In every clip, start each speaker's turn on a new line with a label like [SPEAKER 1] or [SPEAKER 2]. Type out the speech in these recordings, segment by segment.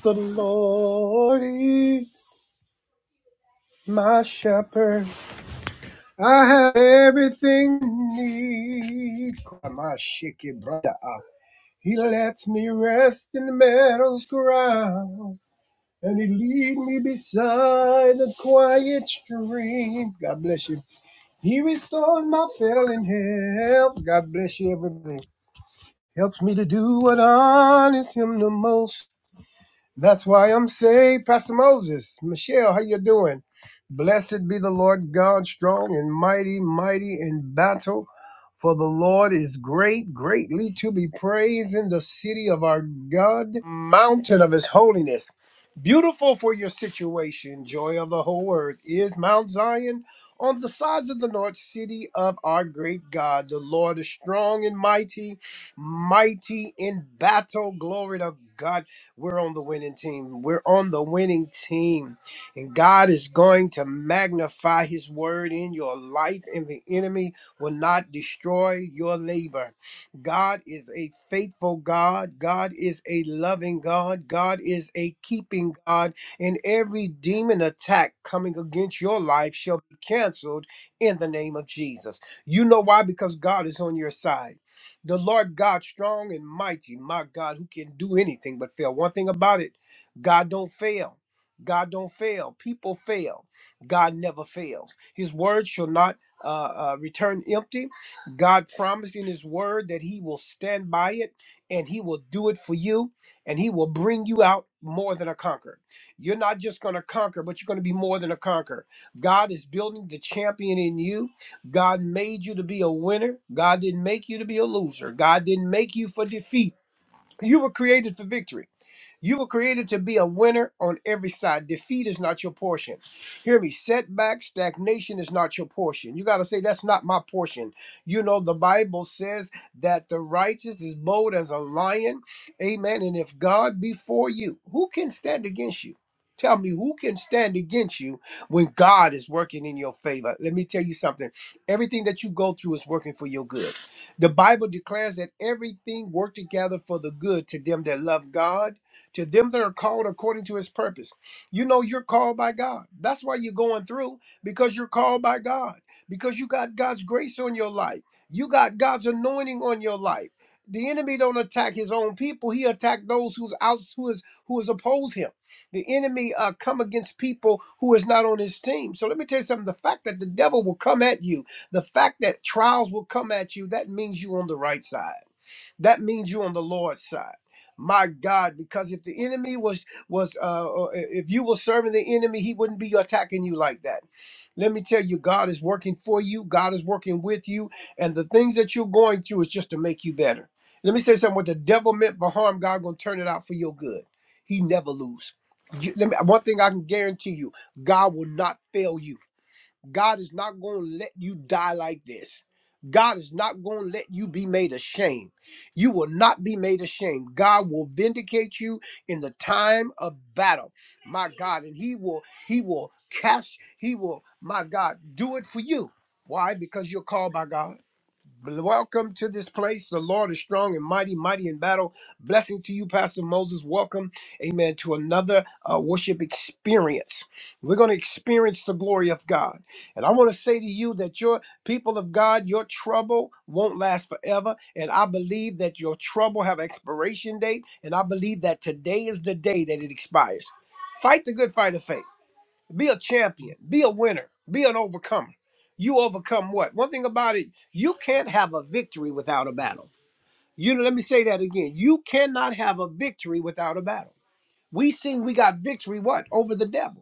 [SPEAKER 1] The Lord is my shepherd. I have everything I need. My shaky brother. He lets me rest in the meadow's ground. And he lead me beside the quiet stream. God bless you. He restores my failing health. God bless you, everything. Helps me to do what honors him the most. That's why I'm saved. Pastor Moses, Michelle, how you doing? Blessed be the Lord God, strong and mighty, mighty in battle. For the Lord is great, greatly to be praised in the city of our God, mountain of his holiness. Beautiful for your situation, joy of the whole earth is Mount Zion on the sides of the north city of our great God. The Lord is strong and mighty, mighty in battle. Glory to God. We're on the winning team. We're on the winning team. And God is going to magnify his word in your life, and the enemy will not destroy your labor. God is a faithful God. God is a loving God. God is a keeping God. And every demon attack coming against your life shall be canceled in the name of Jesus. You know why? Because God is on your side. The Lord God, strong and mighty, my God, who can do anything but fail. One thing about it, God don't fail. God don't fail. People fail. God never fails. His word shall not uh, uh, return empty. God promised in His word that He will stand by it and He will do it for you and He will bring you out more than a conqueror. You're not just going to conquer, but you're going to be more than a conqueror. God is building the champion in you God made you to be a winner. God didn't make you to be a loser. God didn't make you for defeat. You were created for victory. You were created to be a winner on every side. Defeat is not your portion. Hear me. Setback, stagnation is not your portion. You got to say, that's not my portion. You know, the Bible says that the righteous is bold as a lion. Amen. And if God be for you, who can stand against you? Tell me who can stand against you when God is working in your favor. Let me tell you something. Everything that you go through is working for your good. The Bible declares that everything worked together for the good to them that love God to them that are called according to his purpose. You know, you're called by God. That's why you're going through, because you're called by God, because you got God's grace on your life, you got God's anointing on your life. The enemy don't attack his own people; he attack those who's out, who is who is oppose him. The enemy uh, come against people who is not on his team. So let me tell you something: the fact that the devil will come at you, the fact that trials will come at you, that means you on the right side. That means you're on the Lord's side. My God, because if the enemy was was uh or if you were serving the enemy, he wouldn't be attacking you like that. Let me tell you, God is working for you, God is working with you, and the things that you're going through is just to make you better. Let me say something. What the devil meant for harm, God gonna turn it out for your good. He never lose. You- let me, one thing I can guarantee you, God will not fail you. God is not going to let you die like this. God is not going to let you be made ashamed. You will not be made ashamed. God will vindicate you in the time of battle. My God, and he will he will cast he will my God do it for you. Why? Because you're called by God. Welcome to this place. The Lord is strong and mighty, mighty in battle. Blessing to you, Pastor Moses. Welcome, amen, to another uh, worship experience. We're going to experience the glory of God. And I want to say to you that your people of God, your trouble won't last forever. And I believe that your trouble have expiration date. And I believe that today is the day that it expires. Fight the good fight of faith. Be a champion. Be a winner. Be an overcomer. You overcome what? One thing about it, you can't have a victory without a battle. You know, let me say that again. You cannot have a victory without a battle. We seen we got victory what? Over the devil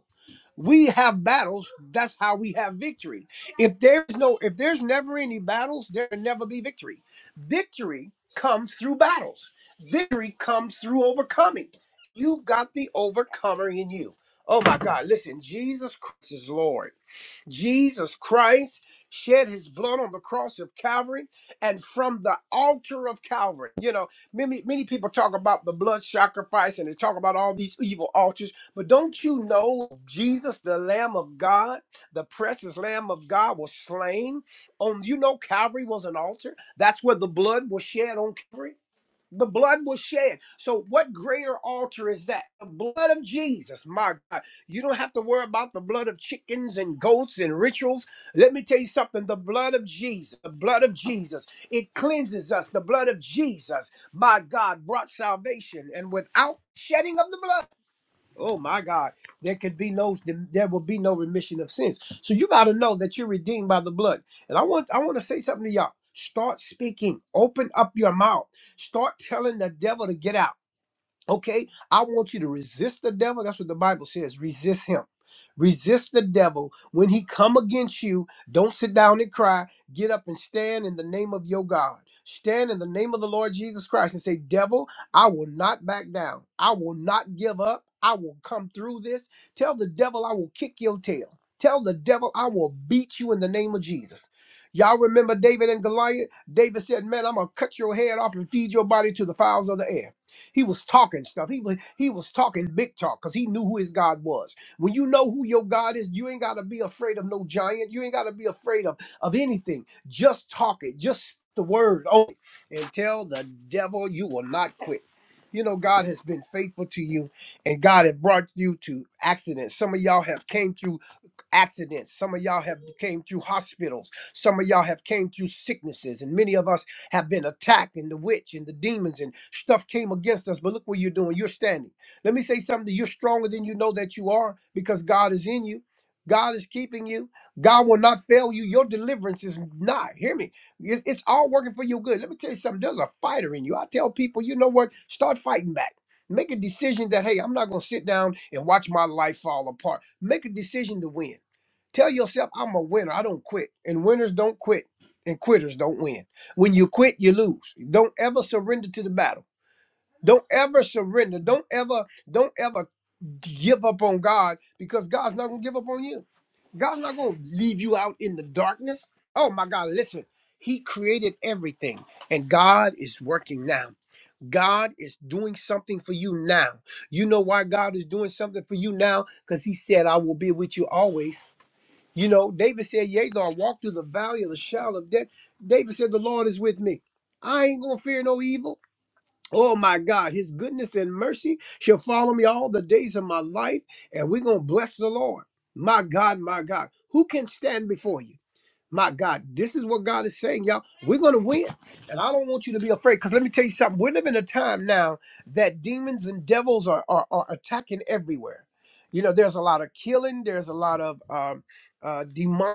[SPEAKER 1] we have battles that's how we have victory if there's no if there's never any battles there'll never be victory victory comes through battles victory comes through overcoming you've got the overcomer in you oh my god listen jesus christ is lord Jesus Christ shed his blood on the cross of Calvary and from the altar of Calvary. You know, many many people talk about the blood sacrifice and they talk about all these evil altars, but don't you know Jesus, the Lamb of God, the precious Lamb of God was slain on you know Calvary was an altar. That's where the blood was shed on Calvary. The blood was shed. So, what greater altar is that? The blood of Jesus. My God. You don't have to worry about the blood of chickens and goats and rituals. Let me tell you something the blood of Jesus, the blood of Jesus, it cleanses us. The blood of Jesus, my God, brought salvation. And without shedding of the blood, Oh my God, there could be no, there will be no remission of sins. So you got to know that you're redeemed by the blood. And I want, I want to say something to y'all. Start speaking. Open up your mouth. Start telling the devil to get out. Okay, I want you to resist the devil. That's what the Bible says. Resist him. Resist the devil when he come against you. Don't sit down and cry. Get up and stand in the name of your God. Stand in the name of the Lord Jesus Christ and say, "Devil, I will not back down. I will not give up. I will come through this." Tell the devil I will kick your tail. Tell the devil I will beat you in the name of Jesus. Y'all remember David and Goliath? David said, "Man, I'm going to cut your head off and feed your body to the fowls of the air." He was talking stuff. He was he was talking big talk because he knew who his God was. When you know who your God is, you ain't gotta be afraid of no giant. You ain't gotta be afraid of of anything. Just talk it. Just speak the word on it and tell the devil you will not quit. You know God has been faithful to you, and God has brought you to accidents. Some of y'all have came through accidents some of y'all have came through hospitals some of y'all have came through sicknesses and many of us have been attacked and the witch and the demons and stuff came against us but look what you're doing you're standing let me say something you're stronger than you know that you are because god is in you god is keeping you god will not fail you your deliverance is not hear me it's, it's all working for your good let me tell you something there's a fighter in you i tell people you know what start fighting back make a decision that hey i'm not going to sit down and watch my life fall apart make a decision to win Tell yourself, I'm a winner. I don't quit. And winners don't quit. And quitters don't win. When you quit, you lose. Don't ever surrender to the battle. Don't ever surrender. Don't ever, don't ever give up on God because God's not gonna give up on you. God's not gonna leave you out in the darkness. Oh my God, listen, He created everything, and God is working now. God is doing something for you now. You know why God is doing something for you now? Because He said, I will be with you always you know, David said, Yea, though I walk through the valley of the shadow of death, David said, The Lord is with me. I ain't gonna fear no evil. Oh my God, his goodness and mercy shall follow me all the days of my life, and we're going to bless the Lord. My God, my God, who can stand before you? My God, this is what God is saying, y'all. We're going to win. And I don't want you to be afraid because let me tell you something. We're living in a time now that demons and devils are, are, are attacking everywhere. You know, there's a lot of killing, there's a lot of um, uh, demonic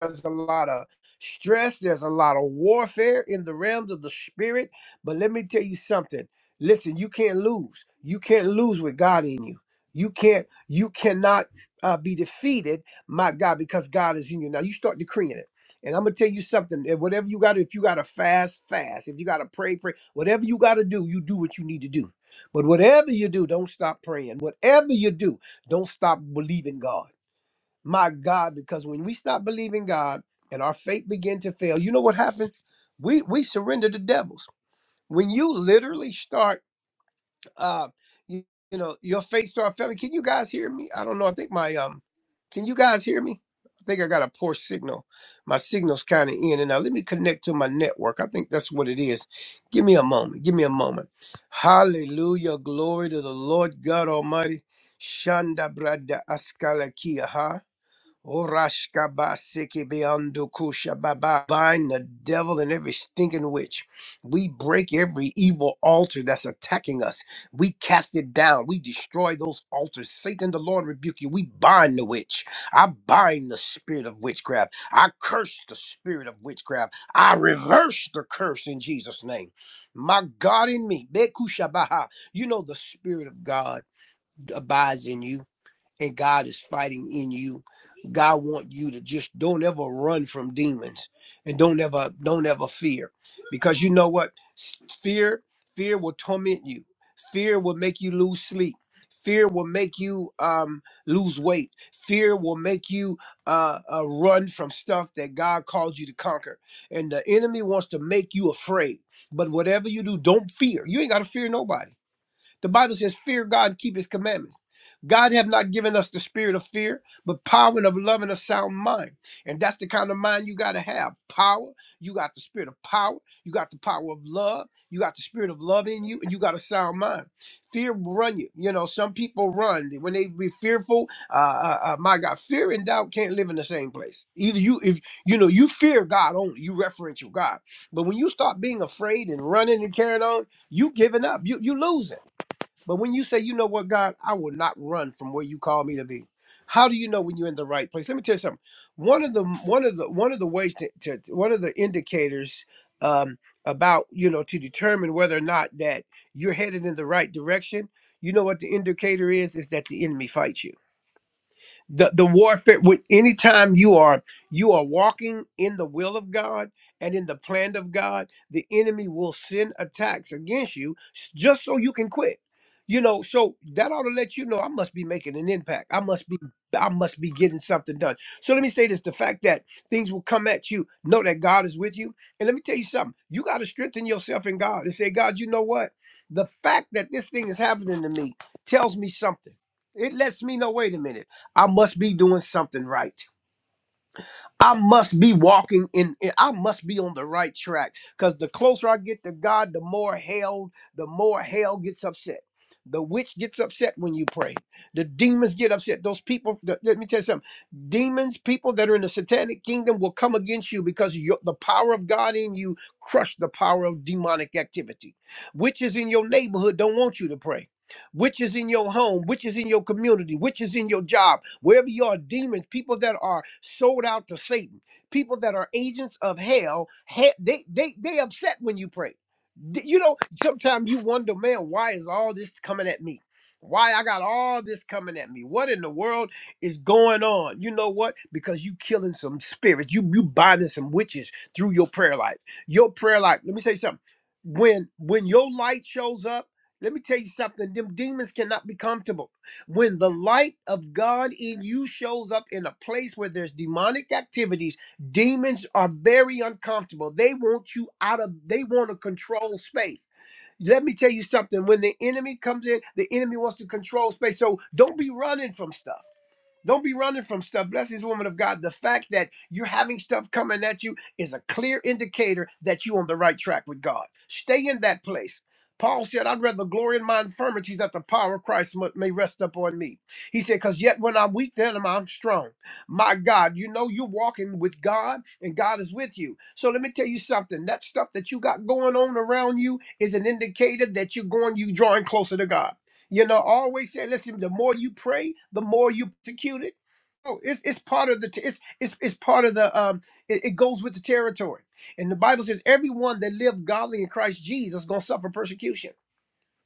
[SPEAKER 1] there's a lot of stress, there's a lot of warfare in the realms of the spirit. But let me tell you something. Listen, you can't lose. You can't lose with God in you. You can't, you cannot uh, be defeated, my God, because God is in you. Now you start decreeing it. And I'm gonna tell you something. eh, Whatever you got if you gotta fast, fast. If you gotta pray, pray. Whatever you gotta do, you do what you need to do. But whatever you do, don't stop praying. Whatever you do, don't stop believing God my God, because when we stop believing God and our faith begin to fail, you know what happens? We we surrender to devils. When you literally start, uh, you, you know, your faith start failing. Can you guys hear me? I don't know. I think my um, can you guys hear me? I think I got a poor signal. My signal's kind of in and out. Let me connect to my network. I think that's what it is. Give me a moment. Give me a moment. Hallelujah. Glory to the Lord God Almighty. Shanda brada askalakia. Ha. Orashkabasikibiondukushababa. Bind the devil and every stinking witch. We break every evil altar that's attacking us. We cast it down. We destroy those altars. Satan, the Lord rebuke you. We bind the witch. I bind the spirit of witchcraft. I curse the spirit of witchcraft. I reverse the curse in Jesus' name. My God in me. Bekushabaha. You know the spirit of God abides in you and God is fighting in you. God wants you to just don't ever run from demons and don't ever don't ever fear because you know what fear fear will torment you. Fear will make you lose sleep. Fear will make you um, lose weight. Fear will make you uh, uh, run from stuff that God called you to conquer. And the enemy wants to make you afraid. But whatever you do, don't fear. You ain't got to fear nobody the Bible says, Fear God, keep his commandments. God have not given us the spirit of fear, but power and of love and a sound mind. And that's the kind of mind you got to have. Power, you got the spirit of power, you got the power of love, you got the spirit of love in you, and you got a sound mind. Fear will run you. You know, some people run when they be fearful. Uh, uh, uh, my God, fear and doubt can't live in the same place. Either you, if you know, you fear God only, you referential God. But when you start being afraid and running and carrying on, you giving up, you you losing. But when you say, you know what, God, I will not run from where you call me to be. How do you know when you're in the right place? Let me tell you something. One of the one of the one of the ways to, to one of the indicators um, about you know to determine whether or not that you're headed in the right direction. You know what the indicator is? Is that the enemy fights you the the warfare with any time you are you are walking in the will of god and in the plan of god the enemy will send attacks against you s- just so you can quit you know so that ought to let you know i must be making an impact i must be i must be getting something done so let me say this the fact that things will come at you know that god is with you and let me tell you something you got to strengthen yourself in god and say god you know what the fact that this thing is happening to me tells me something it lets me know wait a minute I must be doing something right. I must be walking in, I must be on the right track. Because the closer I get to God, the more hell, the more hell gets upset. The witch gets upset when you pray. The demons get upset. Those people, the- let me tell you something. Demons, people that are in the satanic kingdom will come against you because your- the power of God in you crushed the power of demonic activity. Witches in your neighborhood don't want you to pray which is in your home, which is in your community, which is in your job, wherever you are, demons, people that are sold out to Satan, people that are agents of hell, he- they they they upset when you pray. D- You know, sometimes you wonder, man, why is all this coming at me? Why I got all this coming at me? What in the world is going on? You know what? Because you killing some spirits, you you binding some witches through your prayer life. Your prayer life. Let me say something. When when your light shows up let me tell you something. Them demons cannot be comfortable. When the light of God in you shows up in a place where there's demonic activities, demons are very uncomfortable. They want you out of, they want to control space. Let me tell you something. When the enemy comes in, the enemy wants to control space. So don't be running from stuff. Don't be running from stuff. Blessings, woman of God. The fact that you're having stuff coming at you is a clear indicator that you're on the right track with God. Stay in that place. Paul said, I'd rather glory in my infirmities that the power of Christ mu- may rest upon me. He said, Because yet when I'm weak, then am I strong. My God, you know you're walking with God and God is with you. So let me tell you something. That stuff that you got going on around you is an indicator that you're going, you drawing closer to God. You know, I always say, listen, the more you pray, the more you persecuted. Oh, it's, it's part of the t- it's, it's it's part of the um it, it goes with the territory. And the Bible says everyone that lived godly in Christ Jesus gonna suffer persecution.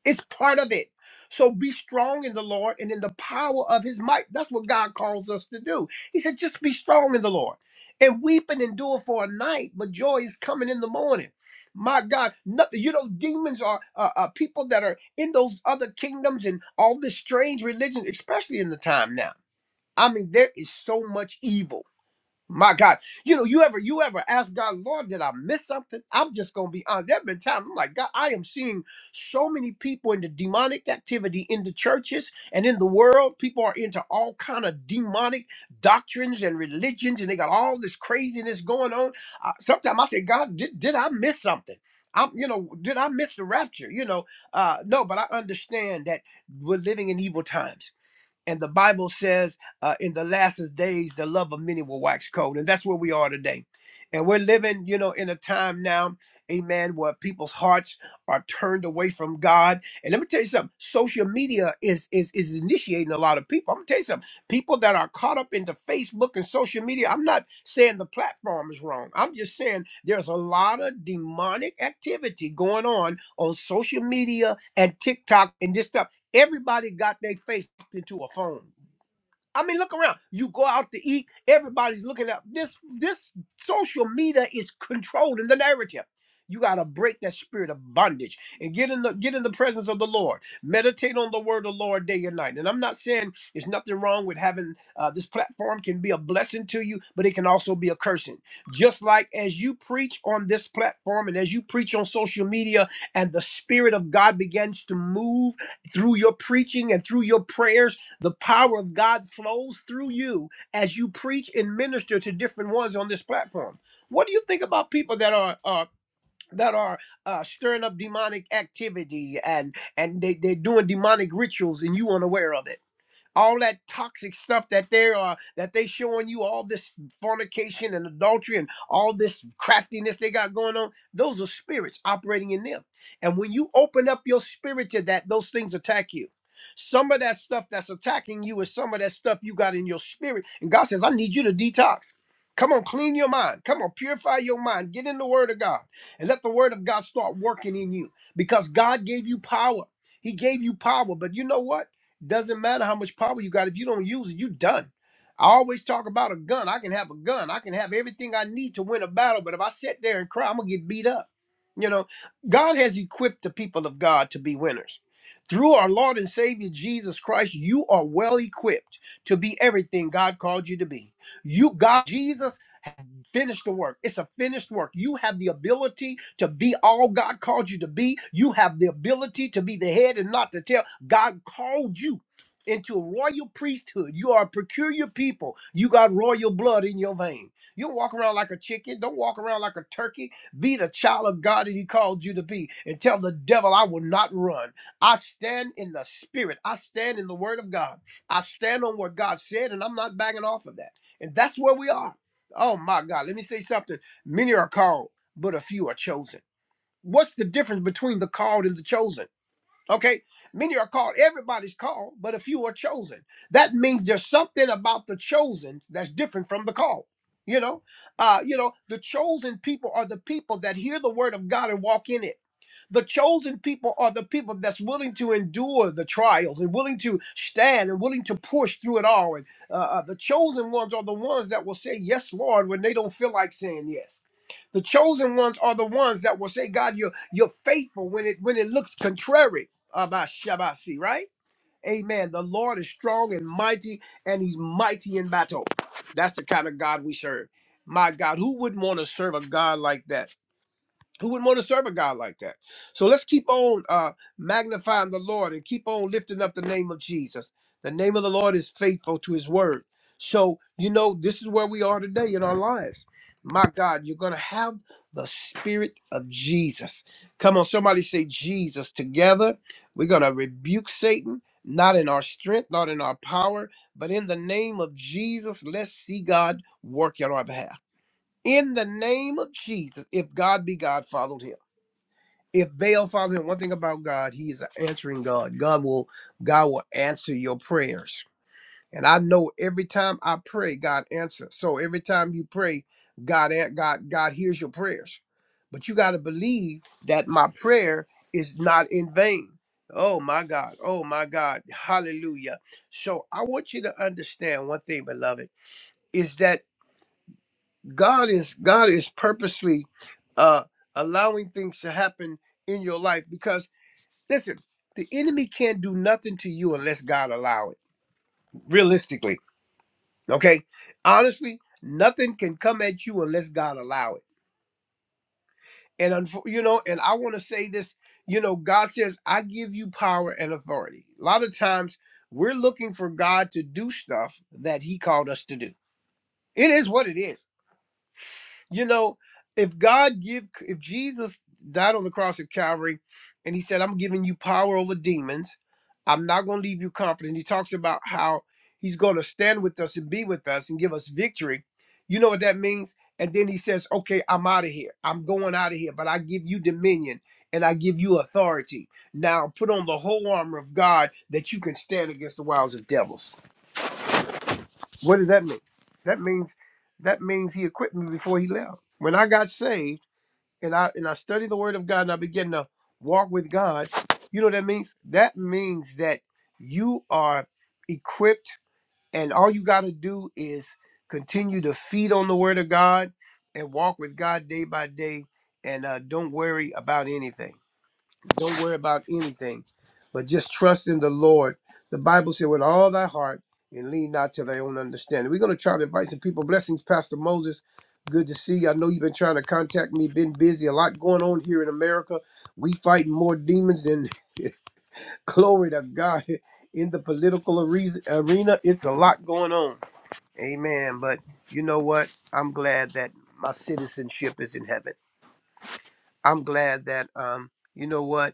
[SPEAKER 1] It's part of it. So be strong in the Lord and in the power of his might. That's what God calls us to do. He said, just be strong in the Lord and weep and endure for a night, but joy is coming in the morning. My God, nothing. You know, demons are uh, uh, people that are in those other kingdoms and all this strange religion, especially in the time now. I mean, there is so much evil my God, you know, you ever you ever ask God, Lord, did I miss something? I'm just gonna be honest. There have been times I'm like, God, I am seeing so many people into demonic activity in the churches and in the world. People are into all kind of demonic doctrines and religions, and they got all this craziness going on. Uh, Sometimes I say, God, did, did I miss something? I'm, you know, did I miss the rapture? You know, uh, no, but I understand that we're living in evil times and the Bible says, uh, in the last days, the love of many will wax cold. And that's where we are today. And we're living, you know, in a time now, amen, where people's hearts are turned away from God. And let me tell you something, social media is is is initiating a lot of people. I'm gonna tell you something. People that are caught up into Facebook and social media, I'm not saying the platform is wrong. I'm just saying there's a lot of demonic activity going on on social media and TikTok and this stuff. Everybody got their face into a phone. I mean, look around. You go out to eat, everybody's looking up. This this social media is controlling the narrative. You gotta break that spirit of bondage and get in the get in the presence of the Lord. Meditate on the word of the Lord day and night. And I'm not saying there's nothing wrong with having uh, this platform can be a blessing to you, but it can also be a cursing. Just like as you preach on this platform and as you preach on social media, and the spirit of God begins to move through your preaching and through your prayers the power of God flows through you as you preach and minister to different ones on this platform. What do you think about people that are uh, that are uh, stirring up demonic activity and and they, they're doing demonic rituals and you unaware of it? all that toxic stuff that they are that they showing you all this fornication and adultery and all this craftiness they got going on those are spirits operating in them and when you open up your spirit to that those things attack you some of that stuff that's attacking you is some of that stuff you got in your spirit and god says i need you to detox Come on, clean your mind. Come on, purify your mind. Get in the Word of God and let the Word of God start working in you because God gave you power. He gave you power. But you know what? Doesn't matter how much power you got. If you don't use it, you done. I always talk about a gun. I can have a gun. I can have everything I need to win a battle. But if I sit there and cry, I'm gonna get beat up. You know, God has equipped the people of God to be winners. Through our Lord and Savior Jesus Christ, you are well equipped to be everything God called you to be. You God Jesus Finish the work. It's a finished work. You have the ability to be all God called you to be. You have the ability to be the head and not the tail. God called you into a royal priesthood. You are a peculiar people. You got royal blood in your vein. You don't walk around like a chicken. Don't walk around like a turkey. Be the child of God that He called you to be and tell the devil, I will not run. I stand in the spirit. I stand in the word of God. I stand on what God said, and I'm not backing off of that. And that's where we are. Oh my God, let me say something. Many are called, but a few are chosen. What's the difference between the called and the chosen? Okay, many are called. Everybody's called, but a few are chosen. That means there's something about the chosen that's different from the called. You know, uh, you know, the chosen people are the people that hear the word of God and walk in it. The chosen people are the people that's willing to endure the trials and willing to stand and willing to push through it all. And uh, uh, the chosen ones are the ones that will say, Yes, Lord, when they don't feel like saying yes. The chosen ones are the ones that will say, God, you're, you're faithful when it, when it looks contrary. Abba Shabasi, right? Amen. The Lord is strong and mighty, and he's mighty in battle. That's the kind of God we serve. My God, who wouldn't want to serve a God like that? Who wouldn't want to serve a God like that? So let's keep on uh, magnifying the Lord and keep on lifting up the name of Jesus. The name of the Lord is faithful to his word. So, you know, this is where we are today in our lives. My God, you're going to have the spirit of Jesus. Come on, somebody say Jesus together. We're going to rebuke Satan, not in our strength, not in our power, but in the name of Jesus. Let's see God work on our behalf in the name of Jesus, if God be God, followed him. If Baal followed him, one thing about God, he is an answering God. God will God will answer your prayers. And I know every time I pray, God answers. So every time you pray, God God God hears your prayers. But you got to believe that my prayer is not in vain. Oh my God. Oh my God. Hallelujah. So I want you to understand one thing, beloved, is that God is God is purposely uh allowing things to happen in your life because listen, the enemy can't do nothing to you unless God allow it. Realistically, okay? Honestly, nothing can come at you unless God allow it. And unfo- you know, and I want to say this, you know, God says, "I give you power and authority." A lot of times we're looking for God to do stuff that he called us to do. It is what it is you know, if God give, if Jesus died on the cross at Calvary, and He said, "I'm giving you power over demons. I'm not going to leave you confident." He talks about how He's going to stand with us and be with us and give us victory. You know what that means? And then He says, "Okay, I'm out of here. I'm going out of here, but I give you dominion." And I give you authority. Now put on the whole armor of God that you can stand against the wiles of devils. What does that mean? That means that means he equipped me before he left. When I got saved, and I and I study the Word of God and I begin to walk with God, you know what that means? That means that you are equipped, and all you got to do is continue to feed on the Word of God and walk with God day by day, and uh, don't worry about anything. Don't worry about anything, but just trust in the Lord. The Bible said, with all thy heart and lean not to thy own understanding. We're going to try to invite some people. Blessings, Pastor Moses. Good to see you. I know you've been trying to contact me, been busy, a lot going on here in America. We fighting more demons than glory to God in the political are- arena. It's a lot going on. Amen. But you know what? I'm glad that my citizenship is in heaven. I'm glad that um, you know what?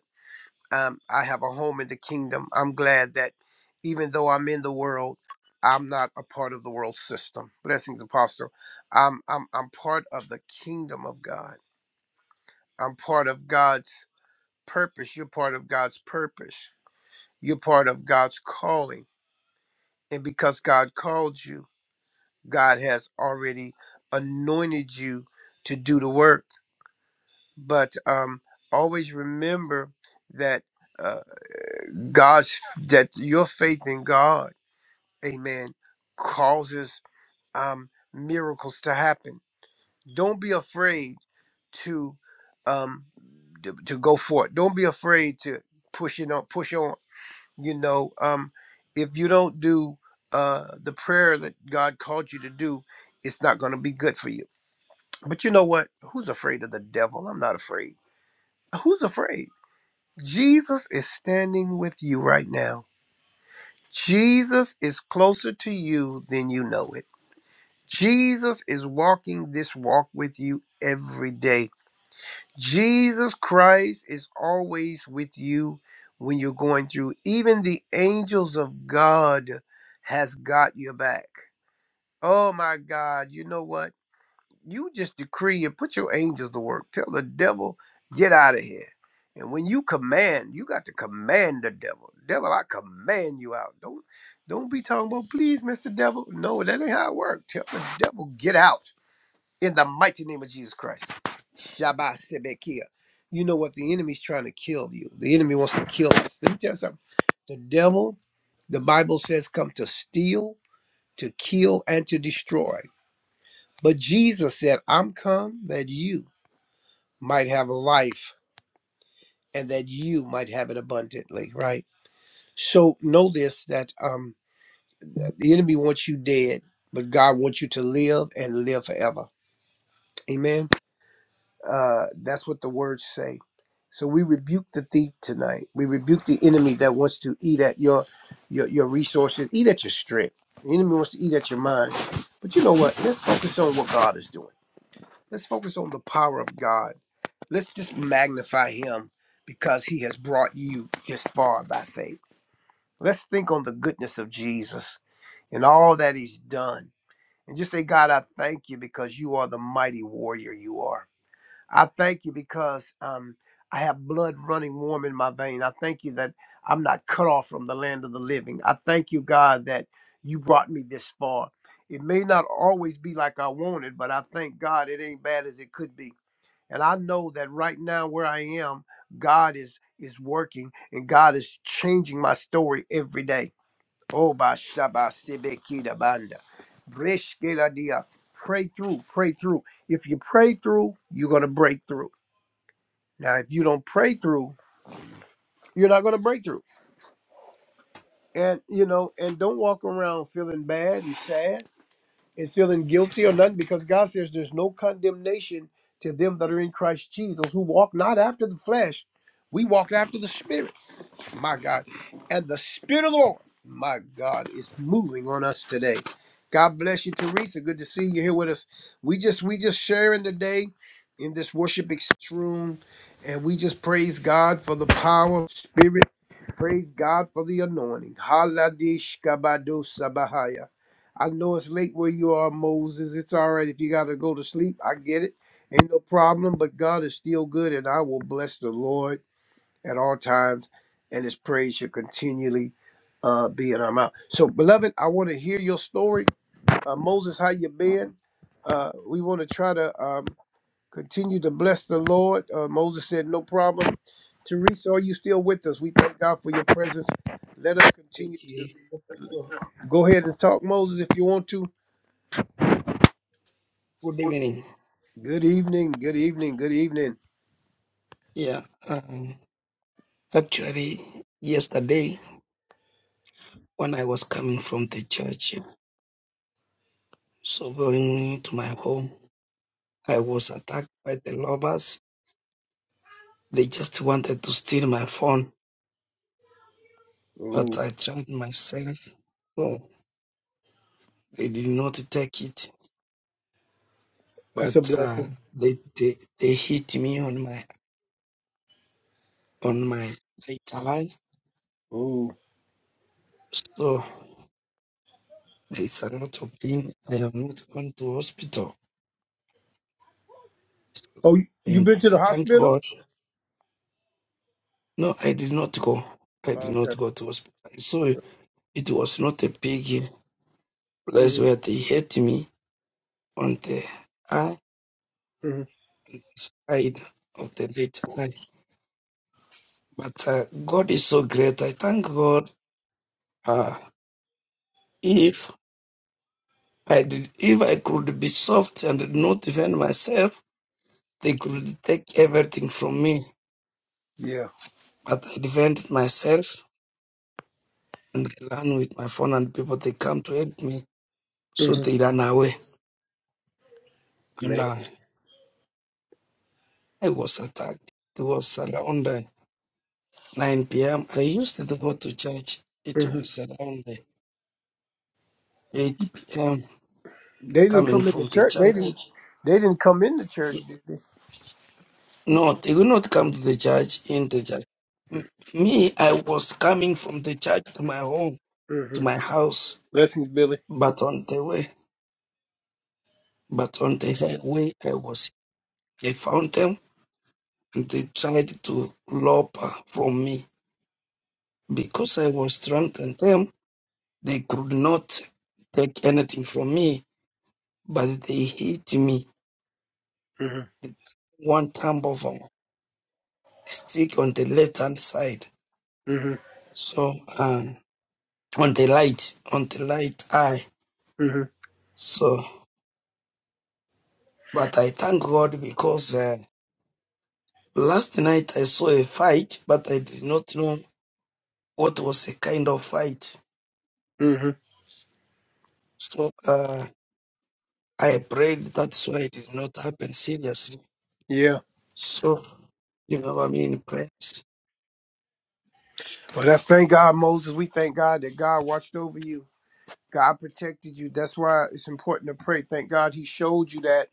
[SPEAKER 1] um, I have a home in the kingdom. I'm glad that even though I'm in the world, I'm not a part of the world system. Blessings, Apostle. I'm I'm I'm part of the kingdom of God. I'm part of God's purpose. You're part of God's purpose. You're part of God's calling. And because God called you, God has already anointed you to do the work. But um, always remember that uh, God's that your faith in God amen, causes um, miracles to happen. Don't be afraid to um, to, to go for it. Don't be afraid to push it on. Push on. You know, um, if you don't do uh, the prayer that God called you to do, it's not going to be good for you. But you know what? Who's afraid of the devil? I'm not afraid. Who's afraid? Jesus is standing with you right now. Jesus is closer to you than you know it. Jesus is walking this walk with you every day. Jesus Christ is always with you when you're going through. Even the angels of God has got your back. Oh my God, you know what? You just decree and put your angels to work. Tell the devil, get out of here. And when you command, you got to command the devil. Devil, I command you out. Don't don't be talking about please, Mr. Devil. No, that ain't how it works. Tell the devil, get out in the mighty name of Jesus Christ. Shabbat Sebekia. You know what? The enemy's trying to kill you. The enemy wants to kill us. Let me tell you something. The devil, the Bible says, come to steal, to kill, and to destroy. But Jesus said, I'm come that you might have life and that you might have it abundantly, right? So know this that um the enemy wants you dead, but God wants you to live and live forever. Amen. Uh, that's what the words say. So we rebuke the thief tonight. We rebuke the enemy that wants to eat at your your, your resources, eat at your strength. The enemy wants to eat at your mind. But you know what? Let's focus on what God is doing. Let's focus on the power of God. Let's just magnify him because he has brought you this far by faith. Let's think on the goodness of Jesus and all that he's done. And just say, God, I thank you because you are the mighty warrior you are. I thank you because um, I have blood running warm in my vein. I thank you that I'm not cut off from the land of the living. I thank you, God, that you brought me this far. It may not always be like I wanted, but I thank God it ain't bad as it could be. And I know that right now where I am, God is is working and God is changing my story every day. Oh, ba shaba sibe kida banda. Breshkela dia. Pray through, pray through. If you pray through, you're going to break through. Now, if you don't pray through, you're not going to break through. And, you know, and don't walk around feeling bad and sad and feeling guilty or nothing because God says there's no condemnation to them that are in Christ Jesus who walk not after the flesh. We walk after the Spirit, my God. And the Spirit of the Lord, my God, is moving on us today. God bless you, Teresa. Good to see you here with us. We just we just sharing today in this worship experience room, and we just praise God for the power, of the Spirit. Praise God for the anointing. Haladish kabado sabahaya. I know it's late where you are, Moses. It's all right if you got to go to sleep. I get it. Ain't no problem, but God is still good, and I will bless the Lord at all times, and his praise shall continually uh, be in our mouth. So, beloved, I want to hear your story. Uh, Moses, how you been? Uh, we want to try to. um, Continue to bless the Lord. Uh, Moses said, No problem. Teresa, are you still with us? We thank God for your presence. Let us continue
[SPEAKER 2] Which
[SPEAKER 1] to
[SPEAKER 2] is- oh,
[SPEAKER 1] go ahead and talk, Moses, if you want to.
[SPEAKER 2] good evening.
[SPEAKER 1] Good evening. Good evening. Good evening.
[SPEAKER 2] Yeah, um, actually, yesterday when I was coming from the church, so going to my home, I was attacked by the robbers. They just wanted to steal my phone,
[SPEAKER 1] Ooh,
[SPEAKER 2] but I tried myself. Oh, they did not take it,
[SPEAKER 1] that's a
[SPEAKER 2] but uh,
[SPEAKER 1] blessing.
[SPEAKER 2] they, they they hit me on my on my right eye.
[SPEAKER 1] Ooh.
[SPEAKER 2] So there is a lot of pain. I am not going to hospital.
[SPEAKER 1] Oh, you you
[SPEAKER 2] And I
[SPEAKER 1] been to the
[SPEAKER 2] thank
[SPEAKER 1] hospital?
[SPEAKER 2] God. No, I did not go. I did not
[SPEAKER 1] Okay.
[SPEAKER 2] go to hospital. So it was not a big place
[SPEAKER 1] hmm
[SPEAKER 2] where they hit me on the eye
[SPEAKER 1] hmm
[SPEAKER 2] side of the right eye. But uh, God is so great. I thank God. Uh, if I did, if I could be soft and not defend myself, they could take everything from me.
[SPEAKER 1] Yeah.
[SPEAKER 2] But I defended myself and I ran with my phone and people. They come to help me, so
[SPEAKER 1] hmm
[SPEAKER 2] they ran away. and
[SPEAKER 1] Man.
[SPEAKER 2] uh, I was attacked. It was around uh, 9 p.m. I used to go to church. It
[SPEAKER 1] hmm
[SPEAKER 2] was around uh, 8 p.m.
[SPEAKER 1] They didn't
[SPEAKER 2] coming
[SPEAKER 1] come in the
[SPEAKER 2] from the
[SPEAKER 1] church. They
[SPEAKER 2] church.
[SPEAKER 1] didn't. They didn't come in the church,
[SPEAKER 2] Y-
[SPEAKER 1] did they?
[SPEAKER 2] No, they will not come to the church in the church. M- Me, I was coming from the church to my home, to
[SPEAKER 1] hmm
[SPEAKER 2] my house,
[SPEAKER 1] Blessings, Billy.
[SPEAKER 2] but on the way, but on the highway, I was, I found them and they tried to lob uh, from me. Because I was drunk and them, they could not take anything from me but they hit me
[SPEAKER 1] hmm
[SPEAKER 2] one time of a stick on the left hand side.
[SPEAKER 1] hmm
[SPEAKER 2] So um on the light, on the light eye.
[SPEAKER 1] hmm
[SPEAKER 2] So but I thank God because uh, last night I saw a fight, but I did not know what was a kind of fight.
[SPEAKER 1] hmm
[SPEAKER 2] So uh I prayed that's why it did not happen seriously.
[SPEAKER 1] Yeah.
[SPEAKER 2] So you know what I mean prayers.
[SPEAKER 1] Well, that's thank God, Moses. We thank God that God watched over you. God protected you. That's why it's important to pray. Thank God He showed you that,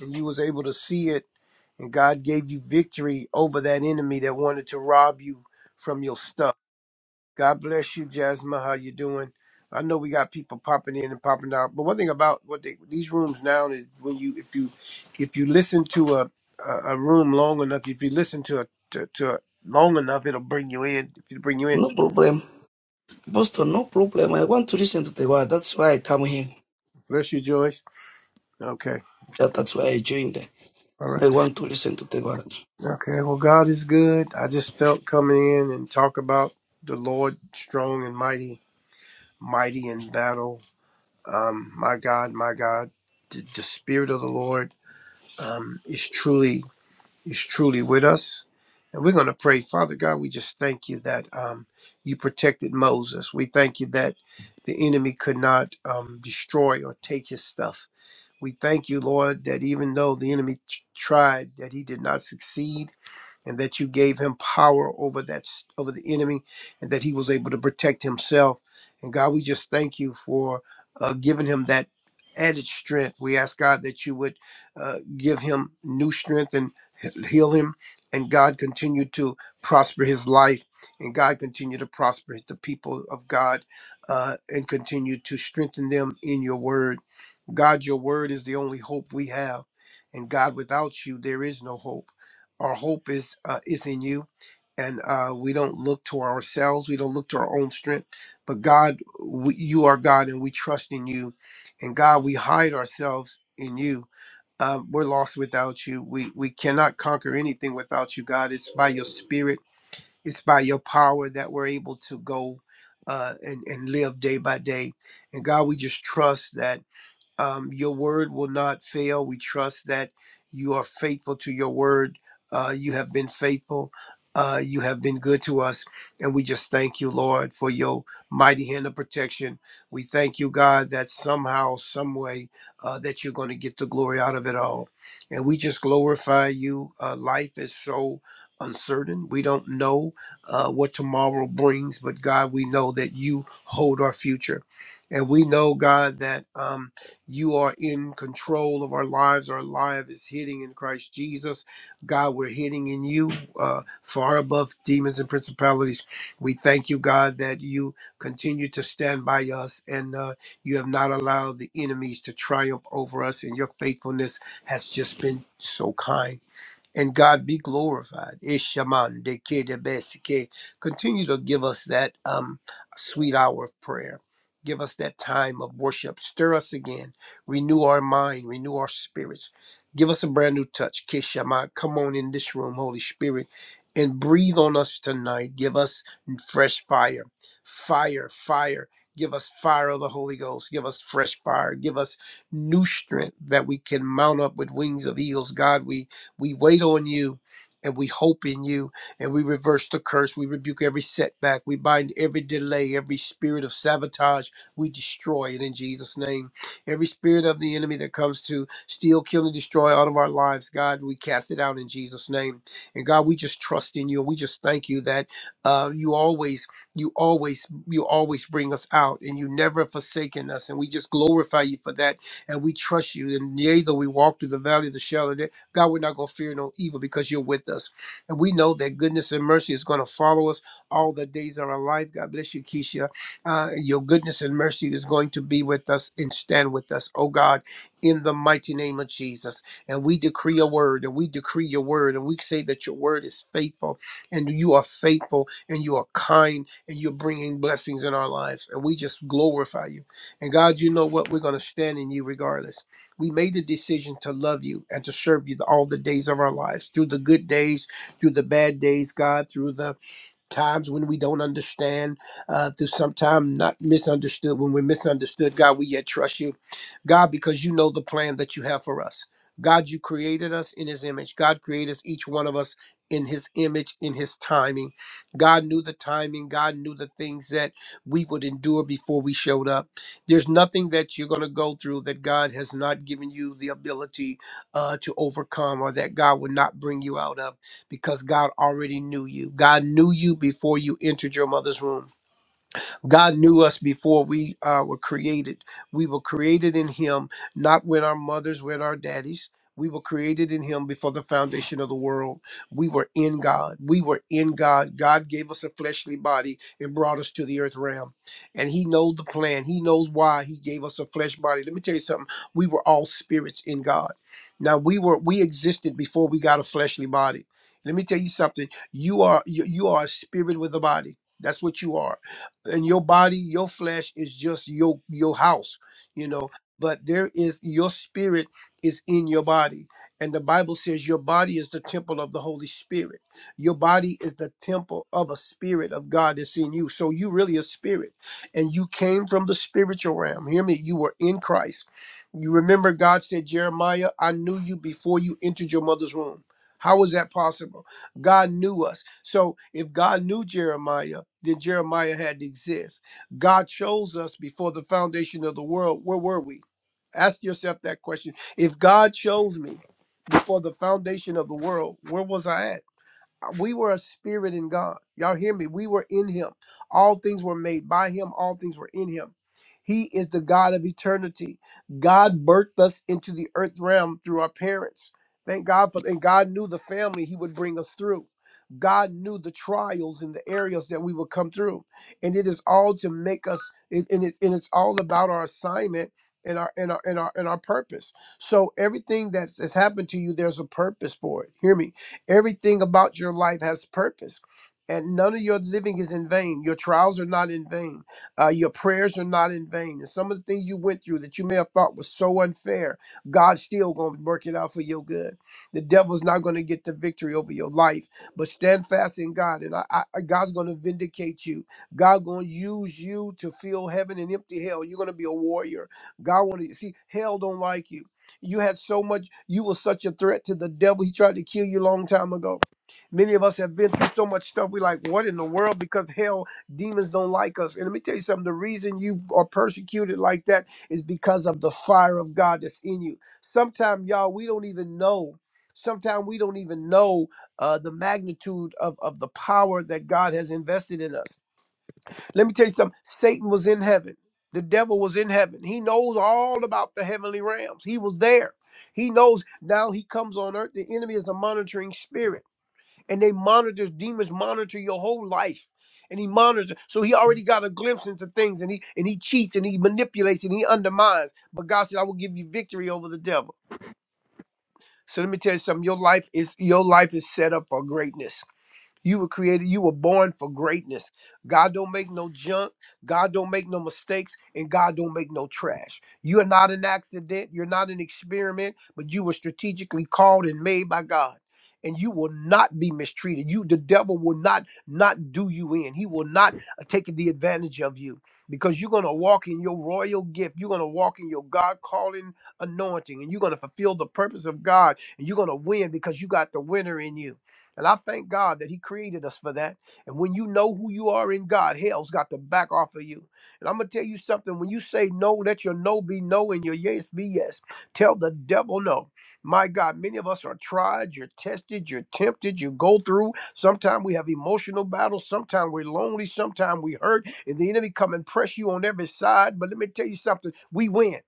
[SPEAKER 1] and you was able to see it, and God gave you victory over that enemy that wanted to rob you from your stuff. God bless you, Jasmine. How you doing? I know we got people popping in and popping out, but one thing about what they, these rooms now is when you if you if you listen to a a a room long enough, if you listen to a to, to a long enough, it'll bring you in. If you bring you in,
[SPEAKER 2] No problem. Pastor, no problem. I want to listen to the word. That's why I come here.
[SPEAKER 1] bless you, Joyce. Okay.
[SPEAKER 2] That- That's why I joined.
[SPEAKER 1] All right.
[SPEAKER 2] They want to listen to the word.
[SPEAKER 1] Okay. Well, God is good. I just felt coming in and talk about the Lord strong and mighty, mighty in battle. Um, my God, my God, the, the Spirit of the Lord um, is truly is truly with us, and we're going to pray. Father God, we just thank you that um, you protected Moses. We thank you that the enemy could not um, destroy or take his stuff. We thank you, Lord, that even though the enemy t- tried, that he did not succeed and that you gave him power over that over the enemy and that he was able to protect himself and god we just thank you for uh, giving him that added strength we ask god that you would uh, give him new strength and he- heal him and god continue to prosper his life and god continue to prosper the people of god uh, and continue to strengthen them in your word God, your word is the only hope we have. And God, without you, there is no hope. Our hope is uh, is in you. And uh, we don't look to ourselves. We don't look to our own strength. But God, we, you are God, and we trust in you. And God, we hide ourselves in you. Um, we're lost without you. We we cannot conquer anything without you, God. It's by your Spirit. It's by your power that we're able to go uh, and and live day by day. And God, we just trust that um, your word will not fail. We trust that you are faithful to your word. Uh, you have been faithful. Uh, you have been good to us. And we just thank you, Lord, for your mighty hand of protection. We thank you, God, that somehow, some way, uh, that you're going to get the glory out of it all. And we just glorify you. Uh, life is so uncertain. We don't know uh, what tomorrow brings, but God, we know that you hold our future. And we know, God, that. Um, you are in control of our lives. Our life is hidden in Christ Jesus. God, we're hidden in you uh, far above demons and principalities. We thank you, God, that you continue to stand by us and uh, you have not allowed the enemies to triumph over us, and your faithfulness has just been so kind and God be glorified. Ishaman de Kedebesike. Continue to give us that um, sweet hour of prayer. Give us that time of worship. Stir us again. Renew our mind. Renew our spirits. Give us a brand new touch. Kishama. Come on in this room, Holy Spirit, and breathe on us tonight. Give us fresh fire. Fire, fire. Give us fire of the Holy Ghost. Give us fresh fire. Give us new strength that we can mount up with wings of eagles. God, we we wait on you and we hope in you and we reverse the curse. We rebuke every setback. We bind every delay, every spirit of sabotage. We destroy it in Jesus' name. Every spirit of the enemy that comes to steal, kill, and destroy out of our lives, God, we cast it out in Jesus' name. And God, we just trust in you and we just thank you that uh, you always you always you always bring us out and you never forsaken us and we just glorify you for that and we trust you and yea though we walk through the valley of the shadow of death God, we're not going to fear no evil because you're with us. And we know that goodness and mercy is going to follow us all the days of our life. God bless you, Keisha. Uh, your goodness and mercy is going to be with us and stand with us, oh God, in the mighty name of Jesus. And we decree a word, and we decree your word, and we say that your word is faithful, and you are faithful, and you are kind, and you're bringing blessings in our lives. And we just glorify you. And God, you know what? We're going to stand in you regardless. We made the decision to love you and to serve you all the days of our lives, through the good days, through the bad days, God, through the times when we don't understand, uh, through sometime not misunderstood. When we're misunderstood, God, we yet trust you. God, because you know the plan that you have for us. God, you created us in his image. God created us, each one of us in his image, in his timing. God knew the timing. God knew the things that we would endure before we showed up. There's nothing that you're going to go through that God has not given you the ability uh, to overcome or that God would not bring you out of because God already knew you. God knew you before you entered your mother's womb. God knew us before we uh, were created. We were created in Him, not with our mothers, with our daddies. We were created in Him before the foundation of the world. We were in God. We were in God. God gave us a fleshly body and brought us to the earth realm. And He knows the plan. He knows why He gave us a flesh body. Let me tell you something. We were all spirits in God. Now we were we existed before we got a fleshly body. Let me tell you something. You are you, you are a spirit with a body. That's what you are and your body your flesh is just your your house you know but there is your spirit is in your body and the bible says your body is the temple of the holy spirit your body is the temple of a spirit of god that's in you so you really a spirit and you came from the spiritual realm hear me you were in christ you remember god said jeremiah i knew you before you entered your mother's womb how was that possible God knew us. So if God knew Jeremiah, then Jeremiah had to exist. God chose us before the foundation of the world. Where were we? Ask yourself that question. If God chose me before the foundation of the world, where was I at? Uh, we were a spirit in God. Y'all hear me? We were in him. All things were made by him, all things were in him. He is the God of eternity. God birthed us into the earth realm through our parents. Thank God for and God knew the family he would bring us through. God knew the trials and the areas that we would come through. And it is all to make us it- and it's and it's all about our assignment and our and our and our and our purpose. So everything that's has happened to you, there's a purpose for it. Hear me Everything about your life has purpose. And none of your living is in vain. Your trials are not in vain. Uh, your prayers are not in vain. And some of the things you went through that you may have thought was so unfair, God's still going to work it out for your good. The devil's not going to get the victory over your life, but stand fast in God. And I, I, I- God's going to vindicate you. God going to use you to fill heaven and empty hell. You're going to be a warrior. God want to see hell don't like you. You had so much, you were such a threat to the devil. He tried to kill you a long time ago. Many of us have been through so much stuff. we like, what in the world? Because hell, demons don't like us. And let me tell you something the reason you are persecuted like that is because of the fire of God that's in you. Sometimes, y'all, we don't even know. Sometimes we don't even know uh, the magnitude of, of the power that God has invested in us. Let me tell you something. Satan was in heaven. The devil was in heaven. He knows all about the heavenly realms. He was there. He knows now he comes on earth. The enemy is a monitoring spirit. And they monitor, demons monitor your whole life. And he monitors. So he already got a glimpse into things and he and he cheats and he manipulates and he undermines. But God said, I will give you victory over the devil. So let me tell you something. Your life is your life is set up for greatness. You were created, you were born for greatness. God don't make no junk, God don't make no mistakes, and God don't make no trash. You are not an accident, you're not an experiment, but you were strategically called and made by God. And you will not be mistreated. You, the devil, will not not do you in. He will not uh, take the advantage of you because you're gonna walk in your royal gift. You're gonna walk in your God calling anointing, and you're gonna fulfill the purpose of God. And you're gonna win because you got the winner in you. And I thank God that He created us for that. And when you know who you are in God, hell's got to back off of you. And I'm going to tell you something. When you say no, let your no be no and your yes be yes. Tell the devil no. My God, many of us are tried, you're tested, you're tempted, you go through. Sometimes we have emotional battles, sometimes we're lonely, sometimes we hurt, and the enemy come and press you on every side. But let me tell you something we win.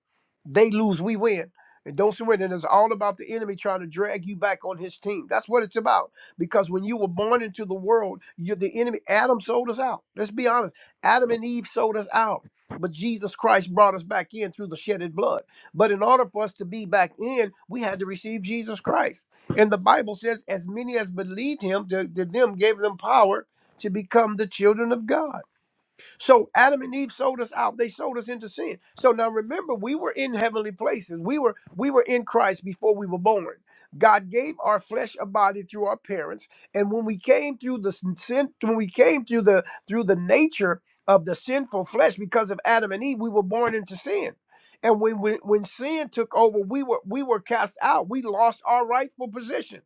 [SPEAKER 1] They lose, we win. And don't surrender. It's all about the enemy trying to drag you back on his team. That's what it's about. Because when you were born into the world, you're the enemy. Adam sold us out. Let's be honest. Adam and Eve sold us out. But Jesus Christ brought us back in through the shedded blood. But in order for us to be back in, we had to receive Jesus Christ. And the Bible says, as many as believed him, to, to them gave them power to become the children of God. So Adam and Eve sold us out. They sold us into sin. So now remember, we were in heavenly places. We were we were in Christ before we were born. God gave our flesh a body through our parents, and when we came through the sin, when we came through the through the nature of the sinful flesh because of Adam and Eve, we were born into sin. And when when, when sin took over, we were we were cast out. We lost our rightful position.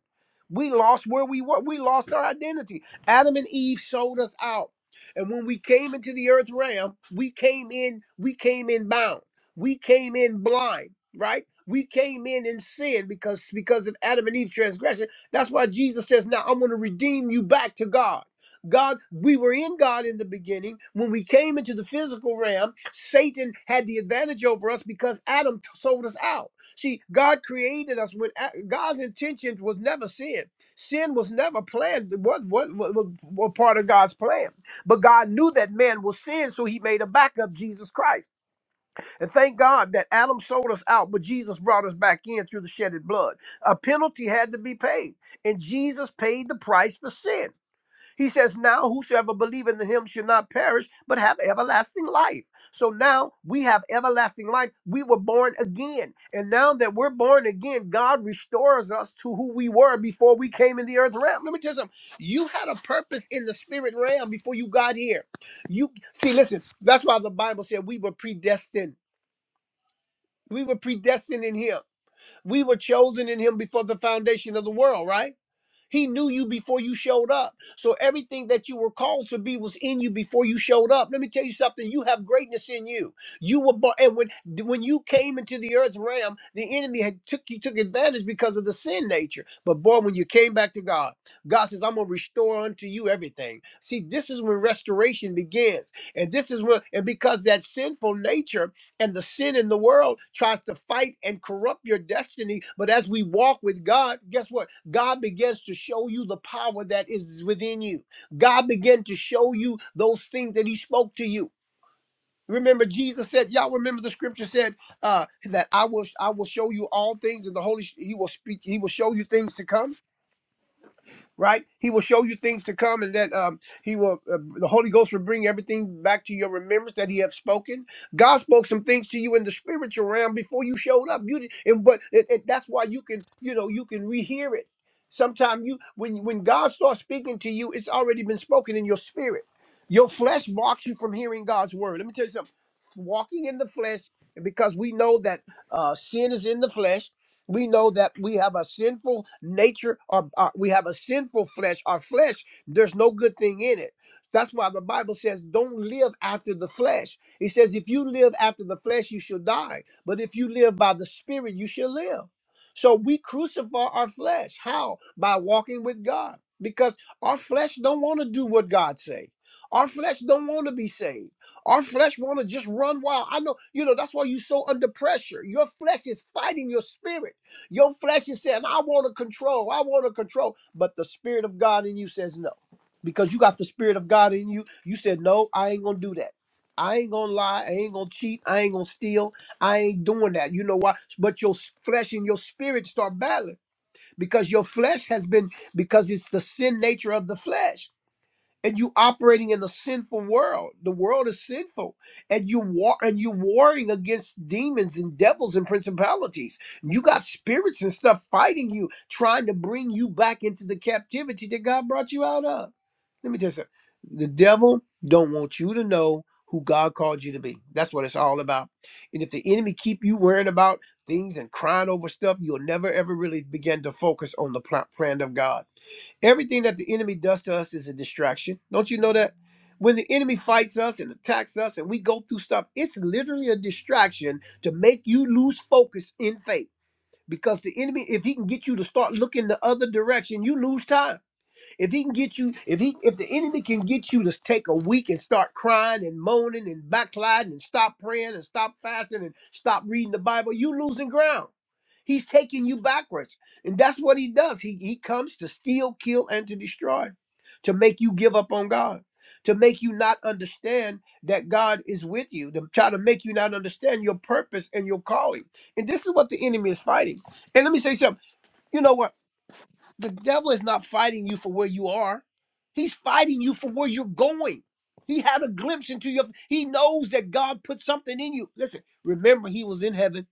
[SPEAKER 1] We lost where we were. We lost our identity. Adam and Eve sold us out. And when we came into the earth realm, we came in, we came in bound. We came in blind, right? We came in in sin because because of Adam and Eve's transgression. That's why Jesus says, "Now I'm going to redeem you back to God." God, we were in God in the beginning. When we came into the physical realm, Satan had the advantage over us because Adam t- sold us out. See, God created us with God's intention was never sin. Sin was never planned. What what what, what, what part of God's plan? But God knew that man will sin, so he made a backup, Jesus Christ. And thank God that Adam sold us out, but Jesus brought us back in through the shedded blood. A penalty had to be paid, and Jesus paid the price for sin. He says, Now whosoever believeth in him should not perish, but have everlasting life. So now we have everlasting life. We were born again. And now that we're born again, God restores us to who we were before we came in the earth realm. Let me tell you something. You had a purpose in the spirit realm before you got here. You see, listen, that's why the Bible said we were predestined. We were predestined in him. We were chosen in him before the foundation of the world, right? He knew you before you showed up. So everything that you were called to be was in you before you showed up. Let me tell you something. You have greatness in you. You were born, and when when you came into the earth realm, the enemy had took you took advantage because of the sin nature. But boy, when you came back to God, God says, "I'm gonna restore unto you everything." See, this is when restoration begins, and this is when, and because that sinful nature and the sin in the world tries to fight and corrupt your destiny. But as we walk with God, guess what? God begins to show you the power that is within you. God began to show you those things that He spoke to you. Remember, Jesus said, "Y'all remember the scripture said uh, that I will I will show you all things, and the Holy He will speak. He will show you things to come." right? He will show you things to come, and that um, he will, uh, the Holy Ghost will bring everything back to your remembrance that he have spoken. God spoke some things to you in the spiritual realm before you showed up. You did, and but it, it- that's why you can, you know, you can rehear it. Sometimes you, when when God starts speaking to you, it's already been spoken in your spirit. Your flesh blocks you from hearing God's word. Let me tell you something. Walking in the flesh, and because we know that uh, sin is in the flesh we know that we have a sinful nature, or, or we have a sinful flesh. Our flesh, there's no good thing in it. That's why the Bible says, don't live after the flesh. It says, if you live after the flesh, you shall die. But if you live by the Spirit, you shall live. So we crucify our flesh. How? By walking with God. Because our flesh don't want to do what God say. Our flesh don't want to be saved. Our flesh want to just run wild. I know, you know, that's why you're so under pressure. Your flesh is fighting your spirit. Your flesh is saying, I want to control, I want to control. But the Spirit of God in you says no. Because you got the Spirit of God in you, you said, No, I ain't going to do that. I ain't going to lie. I ain't going to cheat. I ain't going to steal. I ain't doing that. You know why? But your s- flesh and your spirit start battling because your flesh has been, because it's the sin nature of the flesh and you operating in the sinful world. The world is sinful, and you war and you warring against demons and devils and principalities. You got spirits and stuff fighting you, trying to bring you back into the captivity that God brought you out of. Let me tell you something. The devil don't want you to know who God called you to be. That's what it's all about. And if the enemy keep you worrying about things and crying over stuff, you'll never ever really begin to focus on the pl- plan of God. Everything that the enemy does to us is a distraction. Don't you know that? When the enemy fights us and attacks us and we go through stuff, it's literally a distraction to make you lose focus in faith. Because the enemy, if he can get you to start looking the other direction, you lose time. If he can get you, if he, if the enemy can get you to take a week and start crying and moaning and backsliding and stop praying and stop fasting and stop reading the Bible, you losing ground. He's taking you backwards, and that's what he does. He he comes to steal, kill, and to destroy, to make you give up on God, to make you not understand that God is with you, to try to make you not understand your purpose and your calling. And this is what the enemy is fighting. And let me say something. You know what? The devil is not fighting you for where you are. He's fighting you for where you're going. He had a glimpse into your he knows that God put something in you. Listen, remember he was in heaven.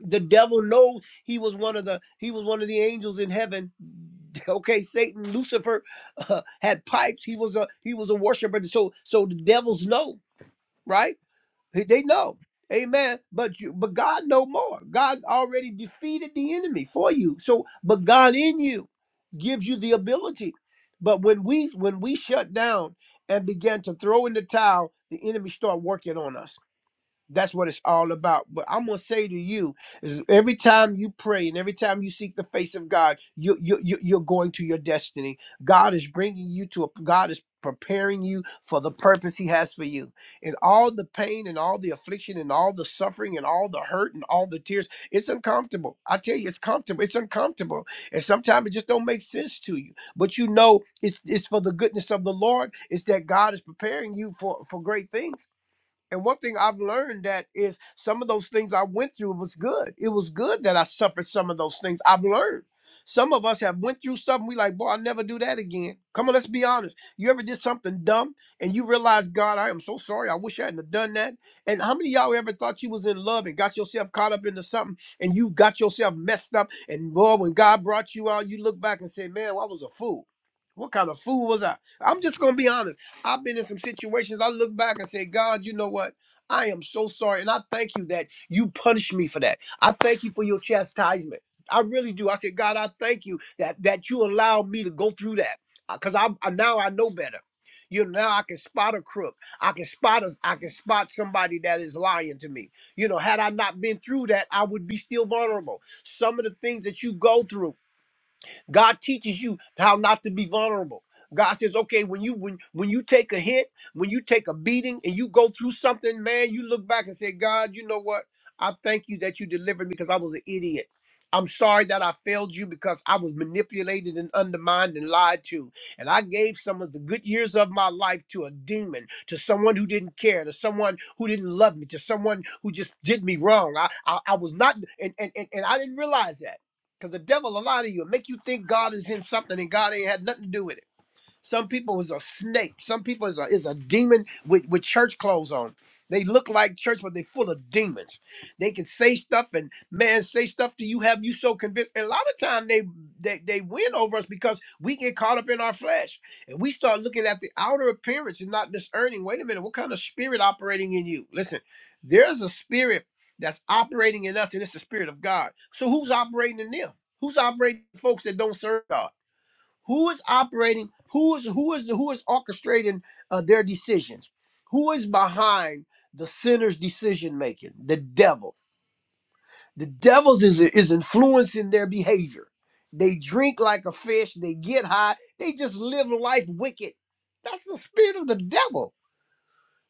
[SPEAKER 1] The devil knows he was one of the he was one of the angels in heaven. Okay, Satan, Lucifer uh, had pipes. He was a he was a worshiper. So so the devils know, right? He- They know. Amen. But you but God know more. God already defeated the enemy for you. So but God in you gives you the ability. But when we when we shut down and began to throw in the towel, the enemy start working on us. That's what it's all about. But I'm gonna say to you is every time you pray and every time you seek the face of God, you you, you you're going to your destiny. God is bringing you to a God is preparing you for the purpose He has for you. And all the pain and all the affliction and all the suffering and all the hurt and all the tears, it's uncomfortable. I tell you, it's comfortable. It's uncomfortable, and sometimes it just don't make sense to you. But you know, it's it's for the goodness of the Lord. It's that God is preparing you for for great things and one thing I've learned that is some of those things I went through was good. It was good that I suffered some of those things. I've learned. Some of us have went through stuff and we like, boy, I'll never do that again. Come on, let's be honest. You ever did something dumb and you realize, God, I am so sorry. I wish I hadn't have done that. And how many of y'all ever thought you was in love and got yourself caught up into something and you got yourself messed up? And boy, when God brought you out, you look back and say, man, well, I was a fool. What kind of fool was I? I'm just gonna be honest. I've been in some situations I look back and say, God, you know what? I am so sorry. And I thank you that you punished me for that. I thank you for your chastisement. I really do. I said, God, I thank you that that you allowed me to go through that. Because I, I now I know better. You know, now I can spot a crook. I can spot a, I can spot somebody that is lying to me. You know, had I not been through that, I would be still vulnerable. Some of the things that you go through. God teaches you how not to be vulnerable. God says, okay, when you when when you take a hit, when you take a beating, and you go through something, man, you look back and say, God, you know what? I thank you that you delivered me because I was an idiot. I'm sorry that I failed you because I was manipulated and undermined and lied to. And I gave some of the good years of my life to a demon, to someone who didn't care, to someone who didn't love me, to someone who just did me wrong. I I, I was not and, and and and I didn't realize that. Because the devil will lie to you and make you think God is in something and God ain't had nothing to do with it. Some people is a snake. Some people is a is a demon with, with church clothes on. They look like church, but they full of demons. They can say stuff and man say stuff to you, have you so convinced. And a lot of time they they they win over us because we get caught up in our flesh and we start looking at the outer appearance and not discerning. Wait a minute, what kind of spirit operating in you? Listen, there's a spirit that's operating in us, and it's the spirit of God. So who's operating in them? Who's operating in folks that don't serve God? who is operating who is who is who is orchestrating uh, their decisions who is behind the sinner's decision making the devil the devil's is is influencing their behavior they drink like a fish they get high they just live life wicked that's the spirit of the devil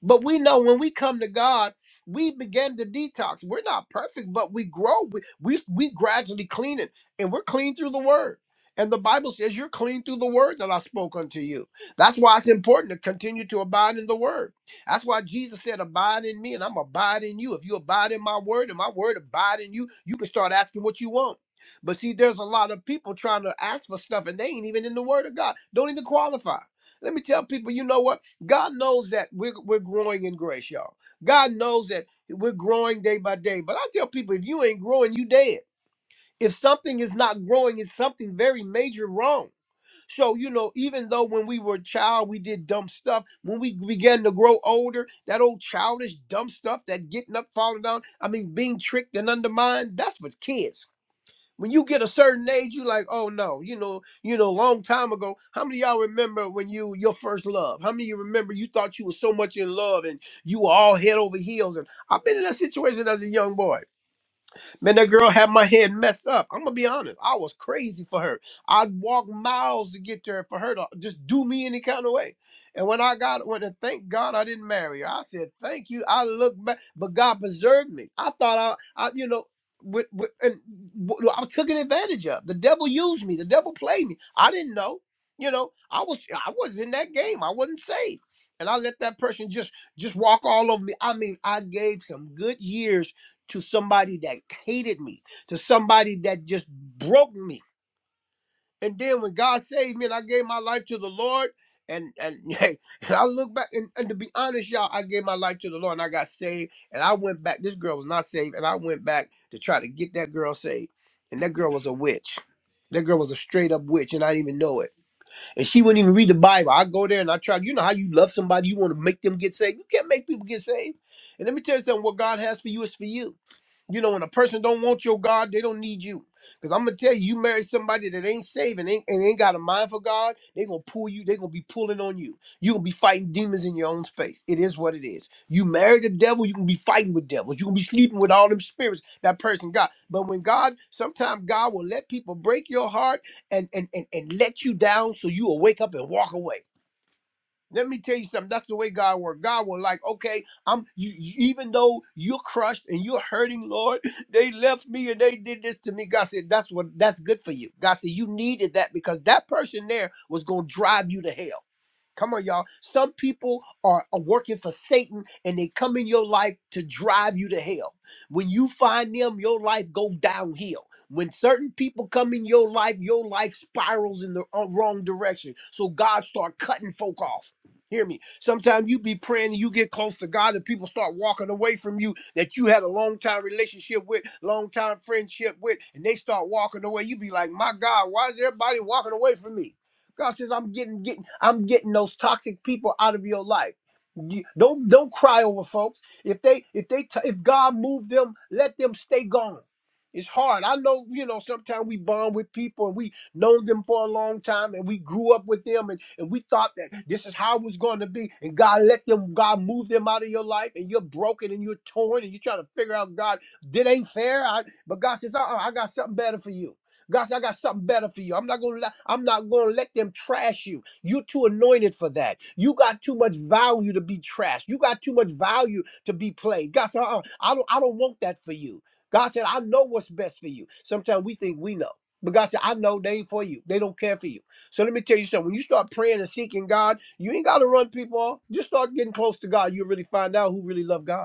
[SPEAKER 1] but we know when we come to God, we begin to detox. We're not perfect, but we grow. We we, we gradually clean it, and we're clean through the Word. And the Bible says you're clean through the word that I spoke unto you. That's why it's important to continue to abide in the word. That's why Jesus said, Abide in me, and I'm abide in you. If you abide in my word and my word abide in you, you can start asking what you want. But see, there's a lot of people trying to ask for stuff and they ain't even in the word of God, don't even qualify. Let me tell people, you know what? God knows that we're, we're growing in grace, y'all. God knows that we're growing day by day. But I tell people, if you ain't growing, you dead. If something is not growing, it's something very major wrong. So, you know, even though when we were a child, we did dumb stuff, when we began to grow older, that old childish dumb stuff, that getting up, falling down, I mean, being tricked and undermined, that's what kids. When you get a certain age, you like, oh no, you know, you know, long time ago. How many of y'all remember when you your first love? How many of you remember you thought you were so much in love and you were all head over heels? And I've been in that situation as a young boy. Man, that girl had my head messed up. I'm gonna be honest. I was crazy for her. I'd walk miles to get to her for her to just do me any kind of way. And when I got when and thank God I didn't marry her. I said, thank you. I look back, but God preserved me. I thought I I you know with, with and w- I was taken advantage of. The devil used me, the devil played me. I didn't know. You know, I was I was in that game. I wasn't saved. And I let that person just just walk all over me. I mean, I gave some good years to somebody that hated me, to somebody that just broke me. And then when God saved me and I gave my life to the Lord, and and, hey, and I look back and, and to be honest, y'all, I gave my life to the Lord and I got saved. And I went back. This girl was not saved, and I went back to try to get that girl saved. And that girl was a witch. That girl was a straight up witch, and I didn't even know it. And she wouldn't even read the Bible. I go there and I try. You know how you love somebody, you want to make them get saved. You can't make people get saved. And let me tell you something: what God has for you is for you. You know, when a person don't want your God, they don't need you. Because I'm gonna tell you, you marry somebody that ain't saving and ain't, and ain't got a mind for God, they gonna pull you, they gonna be pulling on you. you gonna be fighting demons in your own space. It is what it is. You marry the devil, you gonna be fighting with devils, you gonna be sleeping with all them spirits that person got. But when God, sometimes God will let people break your heart and and and, and let you down so you will wake up and walk away. Let me tell you something. That's the way God works. God was like, okay, I'm you, you- even though you're crushed and you're hurting, Lord, they left me and they did this to me. God said, That's what that's good for you. God said, You needed that because that person there was gonna drive you to hell. Come on, y'all. Some people are, are working for Satan and they come in your life to drive you to hell. When you find them, your life goes downhill. When certain people come in your life, your life spirals in the uh, wrong direction. So God start cutting folk off. Hear me. Sometimes you be praying and you get close to God and people start walking away from you that you had a long time relationship with, long time friendship with, and they start walking away. You be like, my God, why is everybody walking away from me? God says, I'm getting getting I'm getting those toxic people out of your life. You- don't don't cry over folks. If they if they t- if God moved them, let them stay gone. It's hard. I know, you know, sometimes we bond with people and we known them for a long time and we grew up with them and, and we thought that this is how it was going to be. And God let them, God move them out of your life and you're broken and you're torn and you're trying to figure out, God, that ain't fair. I, but God says, uh-uh, I got something better for you. God said, I got something better for you. I'm not gonna let I'm not gonna let them trash you. You're too anointed for that. You got too much value to be trashed. You got too much value to be played. God said, uh-uh, I don't I don't want that for you. God said, I know what's best for you. Sometimes we think we know. But God said, I know they ain't for you. They don't care for you. So let me tell you something. When you start praying and seeking God, you ain't gotta run people off. Just start getting close to God. You'll really find out who really love God.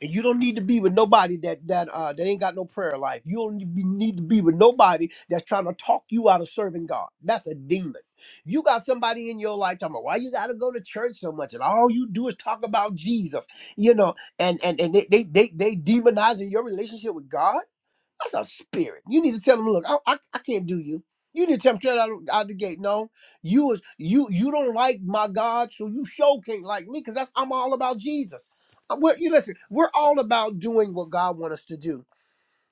[SPEAKER 1] And you don't need to be with nobody that that uh that ain't got no prayer life. You don't need to be need to be with nobody that's trying to talk you out of serving God. That's a demon. You got somebody in your life talking about why you gotta go to church so much and all you do is talk about Jesus, you know, and and and they they they, they demonizing your relationship with God. That's a spirit. You need to tell them, look, I, I, I can't do you. You need to tell them straight out, out the gate. No, you was you you don't like my God, so you sure can't like me, because that's I'm all about Jesus. Uh, We're, you listen, we're all about doing what God wants us to do.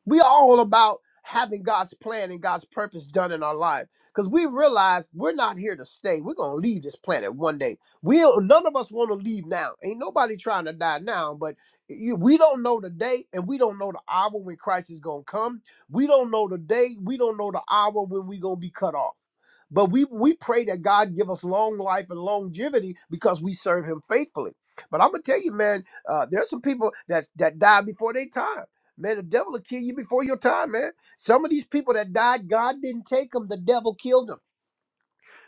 [SPEAKER 1] We are all about having God's plan and God's purpose done in our life because we realize we're not here to stay. We're gonna leave this planet one day. We don't- none of us want to leave now. Ain't nobody trying to die now, but you, we don't know the day and we don't know the hour when Christ is gonna come. We don't know the day. We don't know the hour when we gonna be cut off. But we we pray that God give us long life and longevity because we serve Him faithfully. But I'm gonna tell you, man, uh, there's some people that that die before their time. Man, the devil will kill you before your time, man. Some of these people that died, God didn't take them. The devil killed them.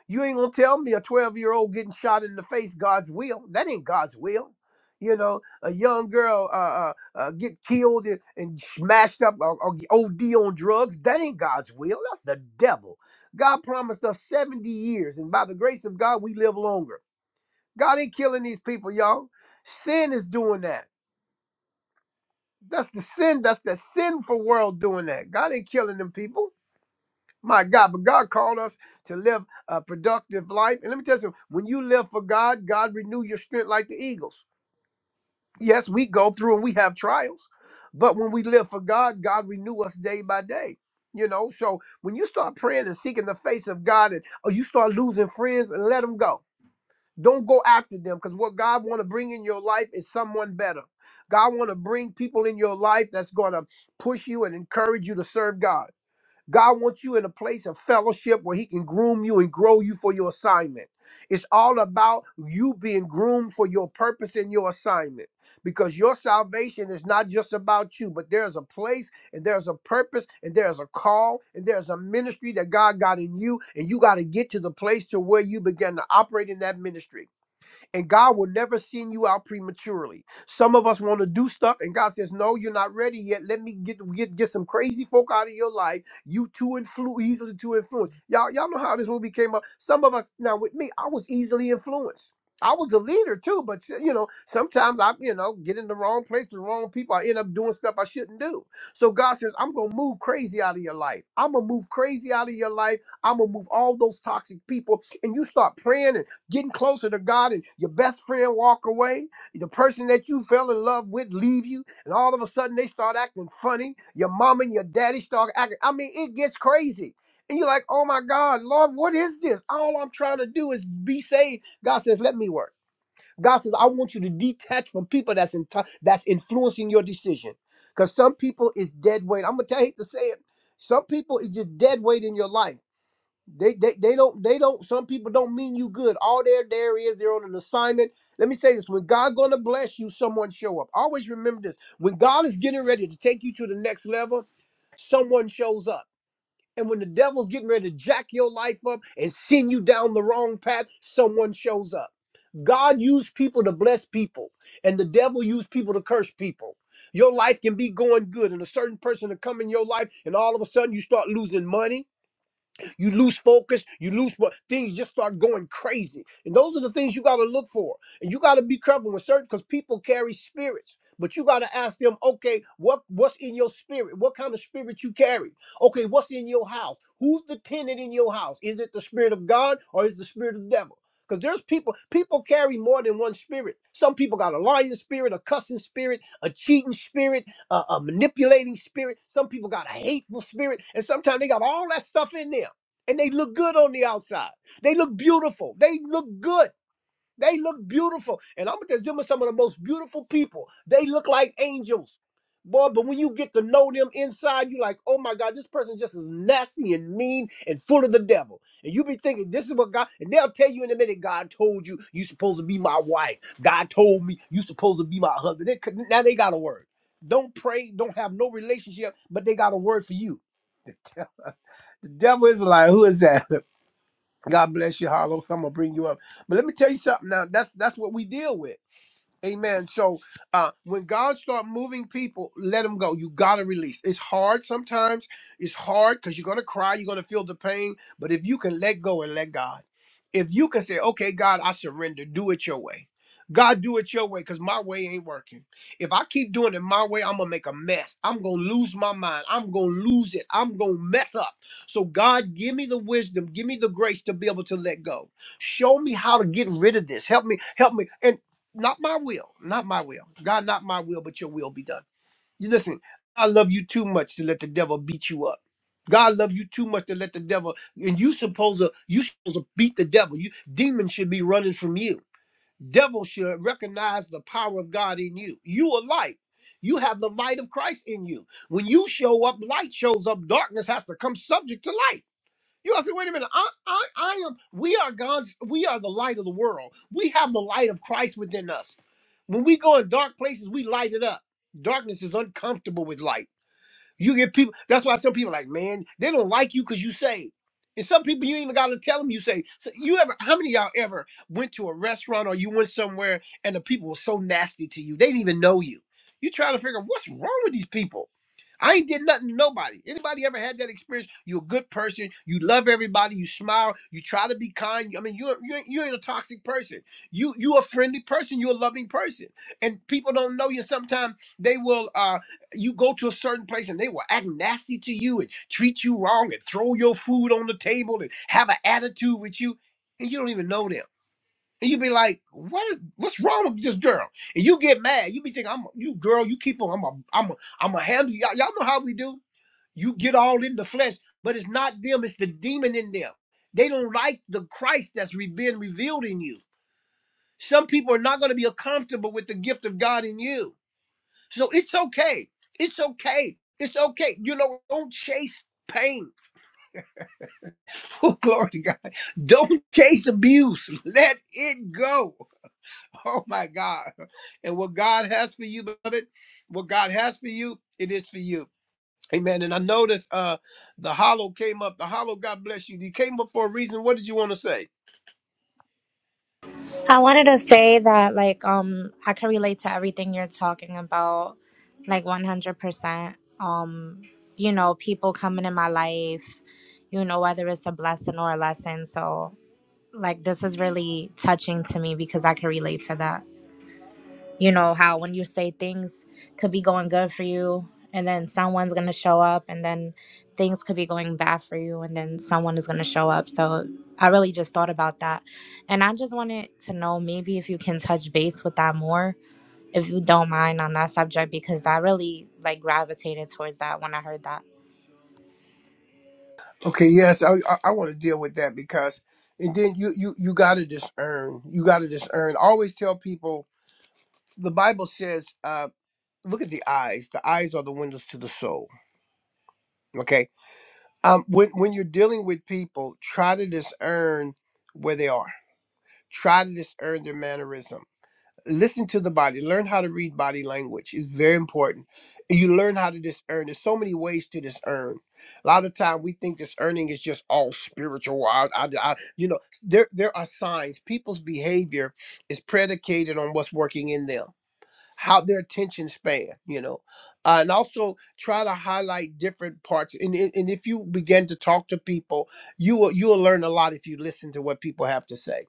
[SPEAKER 1] You ain't gonna tell me a 12 year old getting shot in the face, God's will. That ain't God's will. You know, a young girl uh, uh, uh, get killed and and smashed up or, or OD on drugs. That ain't God's will. That's the devil. God promised us 70 years, and by the grace of God, we live longer. God ain't killing these people, y'all. Sin is doing that. That's the sin. That's the sinful world doing that. God ain't killing them people. My God, but God called us to live a productive life. And let me tell you something. When you live for God, God renew your strength like the eagles. Yes, we go through and we have trials, but when we live for God, God renew us day by day. You know, so when you start praying and seeking the face of God, and or you start losing friends, and let them go don't go after them because what God want to bring in your life is someone better. God want to bring people in your life that's going to push you and encourage you to serve God. God wants you in a place of fellowship where He can groom you and grow you for your assignment. It's all about you being groomed for your purpose and your assignment because your salvation is not just about you, but there's a place and there's a purpose and there's a call and there's a ministry that God got in you, and you got to get to the place to where you begin to operate in that ministry and God will never send you out prematurely. Some of us want to do stuff, and God says, "No, you're not ready yet. Let me get get get some crazy folk out of your life. You too influ- easily too influenced. Y'all, y'all know how this movie came up. Some of us now with me, I was easily influenced. I was a leader too, but you know, sometimes I, you know, get in the wrong place with the wrong people. I end up doing stuff I shouldn't do. So God says, I'm gonna move crazy out of your life. I'm gonna move crazy out of your life. I'm gonna move all those toxic people. And you start praying and getting closer to God and your best friend walk away, the person that you fell in love with leave you, and all of a sudden they start acting funny. Your mom and your daddy start acting. I mean, it gets crazy. And you're like, oh my God, Lord, what is this? All I'm trying to do is be saved. God says, let me work. God says, I want you to detach from people that's in that's influencing your decision. Because some people is dead weight. I'm gonna tell you I hate to say it. Some people is just dead weight in your life. They, they they don't they don't some people don't mean you good. All they're there is they're on an assignment. Let me say this when God gonna bless you, someone show up. Always remember this. When God is getting ready to take you to the next level, someone shows up. And when the devil's getting ready to jack your life up and send you down the wrong path, someone shows up. God used people to bless people, and the devil used people to curse people. Your life can be going good, and a certain person to come in your life, and all of a sudden you start losing money you lose focus, you lose fo- things just start going crazy. And those are the things you got to look for. And you got to be careful with certain because people carry spirits. But you got to ask them, okay, what what's in your spirit? What kind of spirit you carry? Okay, what's in your house? Who's the tenant in your house? Is it the spirit of God or is it the spirit of the devil? Because there's people, people carry more than one spirit. Some people got a lying spirit, a cussing spirit, a cheating spirit, a, a manipulating spirit. Some people got a hateful spirit. And sometimes they got all that stuff in there and they look good on the outside. They look beautiful. They look good. They look beautiful. And I'm gonna just them are some of the most beautiful people. They look like angels. Boy, but when you get to know them inside, you're like, oh my God, this person just is nasty and mean and full of the devil. And you be thinking, this is what God, and they'll tell you in a minute, God told you, you supposed to be my wife. God told me, you supposed to be my husband. They could- now they got a word. Don't pray, don't have no relationship, but they got a word for you. The devil is like, who is that? God bless you, Hollow. I'm gonna bring you up. But let me tell you something now. That's that's what we deal with. Amen. So uh, when God start moving people, let them go. You gotta release. It's hard sometimes. It's hard because you're gonna cry. You're gonna feel the pain. But if you can let go and let God, if you can say, "Okay, God, I surrender. Do it your way." God, do it your way because my way ain't working. If I keep doing it my way, I'm gonna make a mess. I'm gonna lose my mind. I'm gonna lose it. I'm gonna mess up. So, God, give me the wisdom, give me the grace to be able to let go show me how to get rid of this help me help me and not my will, not my will. God, not my will, but your will be done. You listen, I love you too much to let the devil beat you up. God love you too much to let the devil and you supposed to you supposed to beat the devil. You demons should be running from you. Devil should recognize the power of God in you. You are light. You have the light of Christ in you. When you show up, light shows up. Darkness has to come subject to light. You gotta say, wait a minute. I, I, I am. We are God's. We are the light of the world. We have the light of Christ within us. When we go in dark places, we light it up. Darkness is uncomfortable with light. You get people. That's why some people like, man, they don't like you because you saved. And some people you ain't even gotta tell them you say. So you ever? How many of y'all ever went to a restaurant or you went somewhere and the people were so nasty to you? They didn't even know you. You trying to figure out what's wrong with these people. I ain't did nothing to nobody. Anybody ever had that experience? You're a good person. You love everybody. You smile. You try to be kind. I mean, you you ain't- you ain't a toxic person. You you a friendly person. You're a loving person. And people don't know you. Sometimes they will. Uh, you go to a certain place and they will act nasty to you and treat you wrong and throw your food on the table and have an attitude with you and you don't even know them. And you be like, what is, what's wrong with this girl? And you get mad. You be thinking, I'm a, you girl, you keep on, I'm a, I'm a, I'm a handle. Y'all, y'all know how we do. You get all in the flesh, but it's not them, it's the demon in them. They don't like the Christ that's re- been revealed in you. Some people are not going to be comfortable with the gift of God in you so it's okay. It's okay. It's okay. You know, don't chase pain. Oh, glory to God. Don't chase abuse. Let it go. Oh, my God. And what God has for you, beloved, what God has for you, it is for you. Amen. And I noticed uh the hollow came up. The hollow, God bless you. You came up for a reason. What did you want to say?
[SPEAKER 3] I wanted to say that like um I can relate to everything you're talking about like 100%. Um you know, people coming in my life, you know whether it's a blessing or a lesson. So like this is really touching to me because I can relate to that you know how when you say things could be going good for you and then someone's going to show up and then things could be going bad for you and then someone is going to show up so i really just thought about that and i just wanted to know maybe if you can touch base with that more if you don't mind on that subject because i really like gravitated towards that when i heard that
[SPEAKER 1] Okay, yes, I I, I want to deal with that because and then you you you gotta discern. You gotta discern. I always tell people the Bible says, uh look at the eyes. The eyes are the windows to the soul. Okay. Um, when when you're dealing with people, try to discern where they are. Try to discern their mannerism. Listen to the body. Learn how to read body language. It's very important. You learn how to discern. There's so many ways to discern. A lot of time we think discerning is just all spiritual. I, I, I, you know, there there are signs. People's behavior is predicated on what's working in them how their attention span, you know, uh, and also try to highlight different parts. And, and and if you begin to talk to people, you will you will learn a lot if you listen to what people have to say.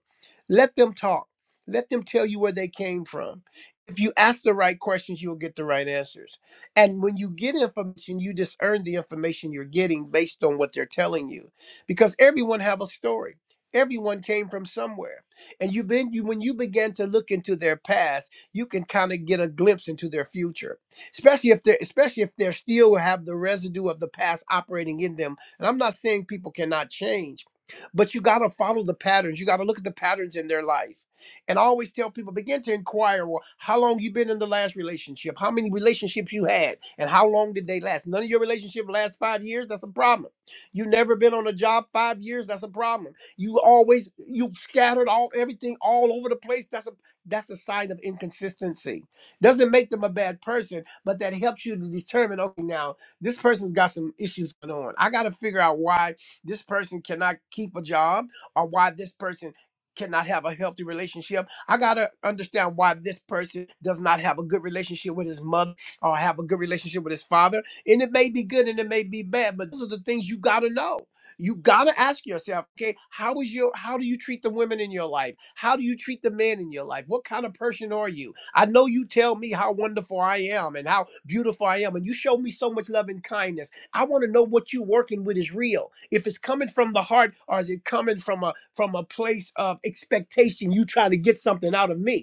[SPEAKER 1] Let them talk. Let them tell you where they came from. If you ask the right questions, you'll get the right answers. And when you get information, you just earn the information you're getting based on what they're telling you, because everyone have a story. Everyone came from somewhere, and you've been you when you began to look into their past you can kind of get a glimpse into their future especially if they're especially if they're still have the residue of the past operating in them and i'm not saying people cannot change but you got to follow the patterns you got to look at the patterns in their life and I always tell people begin to inquire well how long you been in the last relationship how many relationships you had and how long did they last none of your relationship last five years that's a problem you never been on a job five years that's a problem you always you scattered all everything all over the place that's a that's a sign of inconsistency. Doesn't make them a bad person, but that helps you to determine okay, now this person's got some issues going on. I got to figure out why this person cannot keep a job or why this person cannot have a healthy relationship. I got to understand why this person does not have a good relationship with his mother or have a good relationship with his father. And it may be good and it may be bad, but those are the things you got to know you gotta ask yourself okay how is your how do you treat the women in your life how do you treat the men in your life what kind of person are you i know you tell me how wonderful i am and how beautiful i am and you show me so much love and kindness i want to know what you're working with is real if it's coming from the heart or is it coming from a from a place of expectation you trying to get something out of me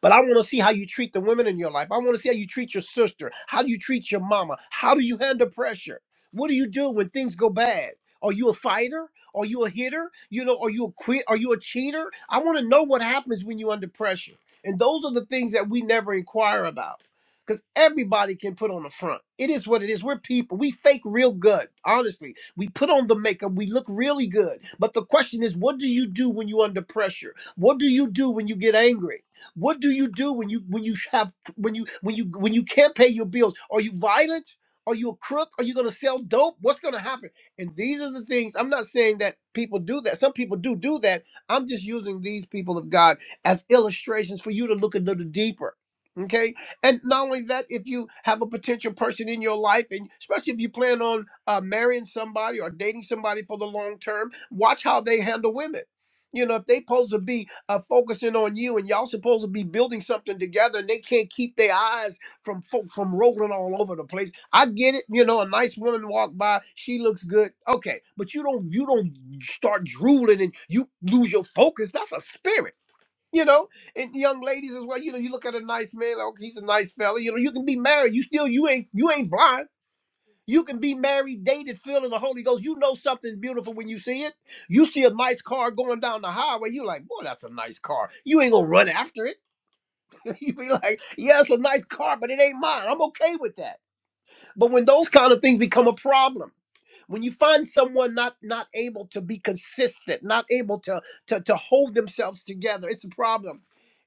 [SPEAKER 1] but I want to see how you treat the women in your life. I want to see how you treat your sister. How do you treat your mama? How do you handle pressure? What do you do when things go bad? Are you a fighter? Are you a hitter? You know, are you a quit? Are you a cheater? I want to know what happens when you're under pressure. And those are the things that we never inquire about. Because everybody can put on the front. It is what it is. We're people. We fake real good, honestly. We put on the makeup. We look really good. But the question is, what do you do when you're under pressure? What do you do when you get angry? What do you do when you when you have when you when you when you can't pay your bills? Are you violent? Are you a crook? Are you going to sell dope? What's going to happen? And these are the things. I'm not saying that people do that. Some people do do that. I'm just using these people of God as illustrations for you to look a little deeper. Okay, and not only that, if you have a potential person in your life, and especially if you plan on uh, marrying somebody or dating somebody for the long term, watch how they handle women. You know, if they pose to be are focusing on you and y'all supposed to be building something together and they can't keep their eyes from fo- from rolling all over the place i get it you know a nice woman walk by she looks good okay but you don't you don't start drooling and you lose your focus that's a spirit you know and young ladies as well you know you look at a nice man like okay, he's a nice fella you know you can be married you still you ain't you ain't blind you can be married, dated, filled in the Holy Ghost. You know something's beautiful when you see it. You see a nice car going down the highway. You're like, boy, that's a nice car. You ain't gonna run after it. you be like, yeah, it's a nice car, but it ain't mine. I'm okay with that. But when those kind of things become a problem, when you find someone not not able to be consistent, not able to to, to hold themselves together, it's a problem.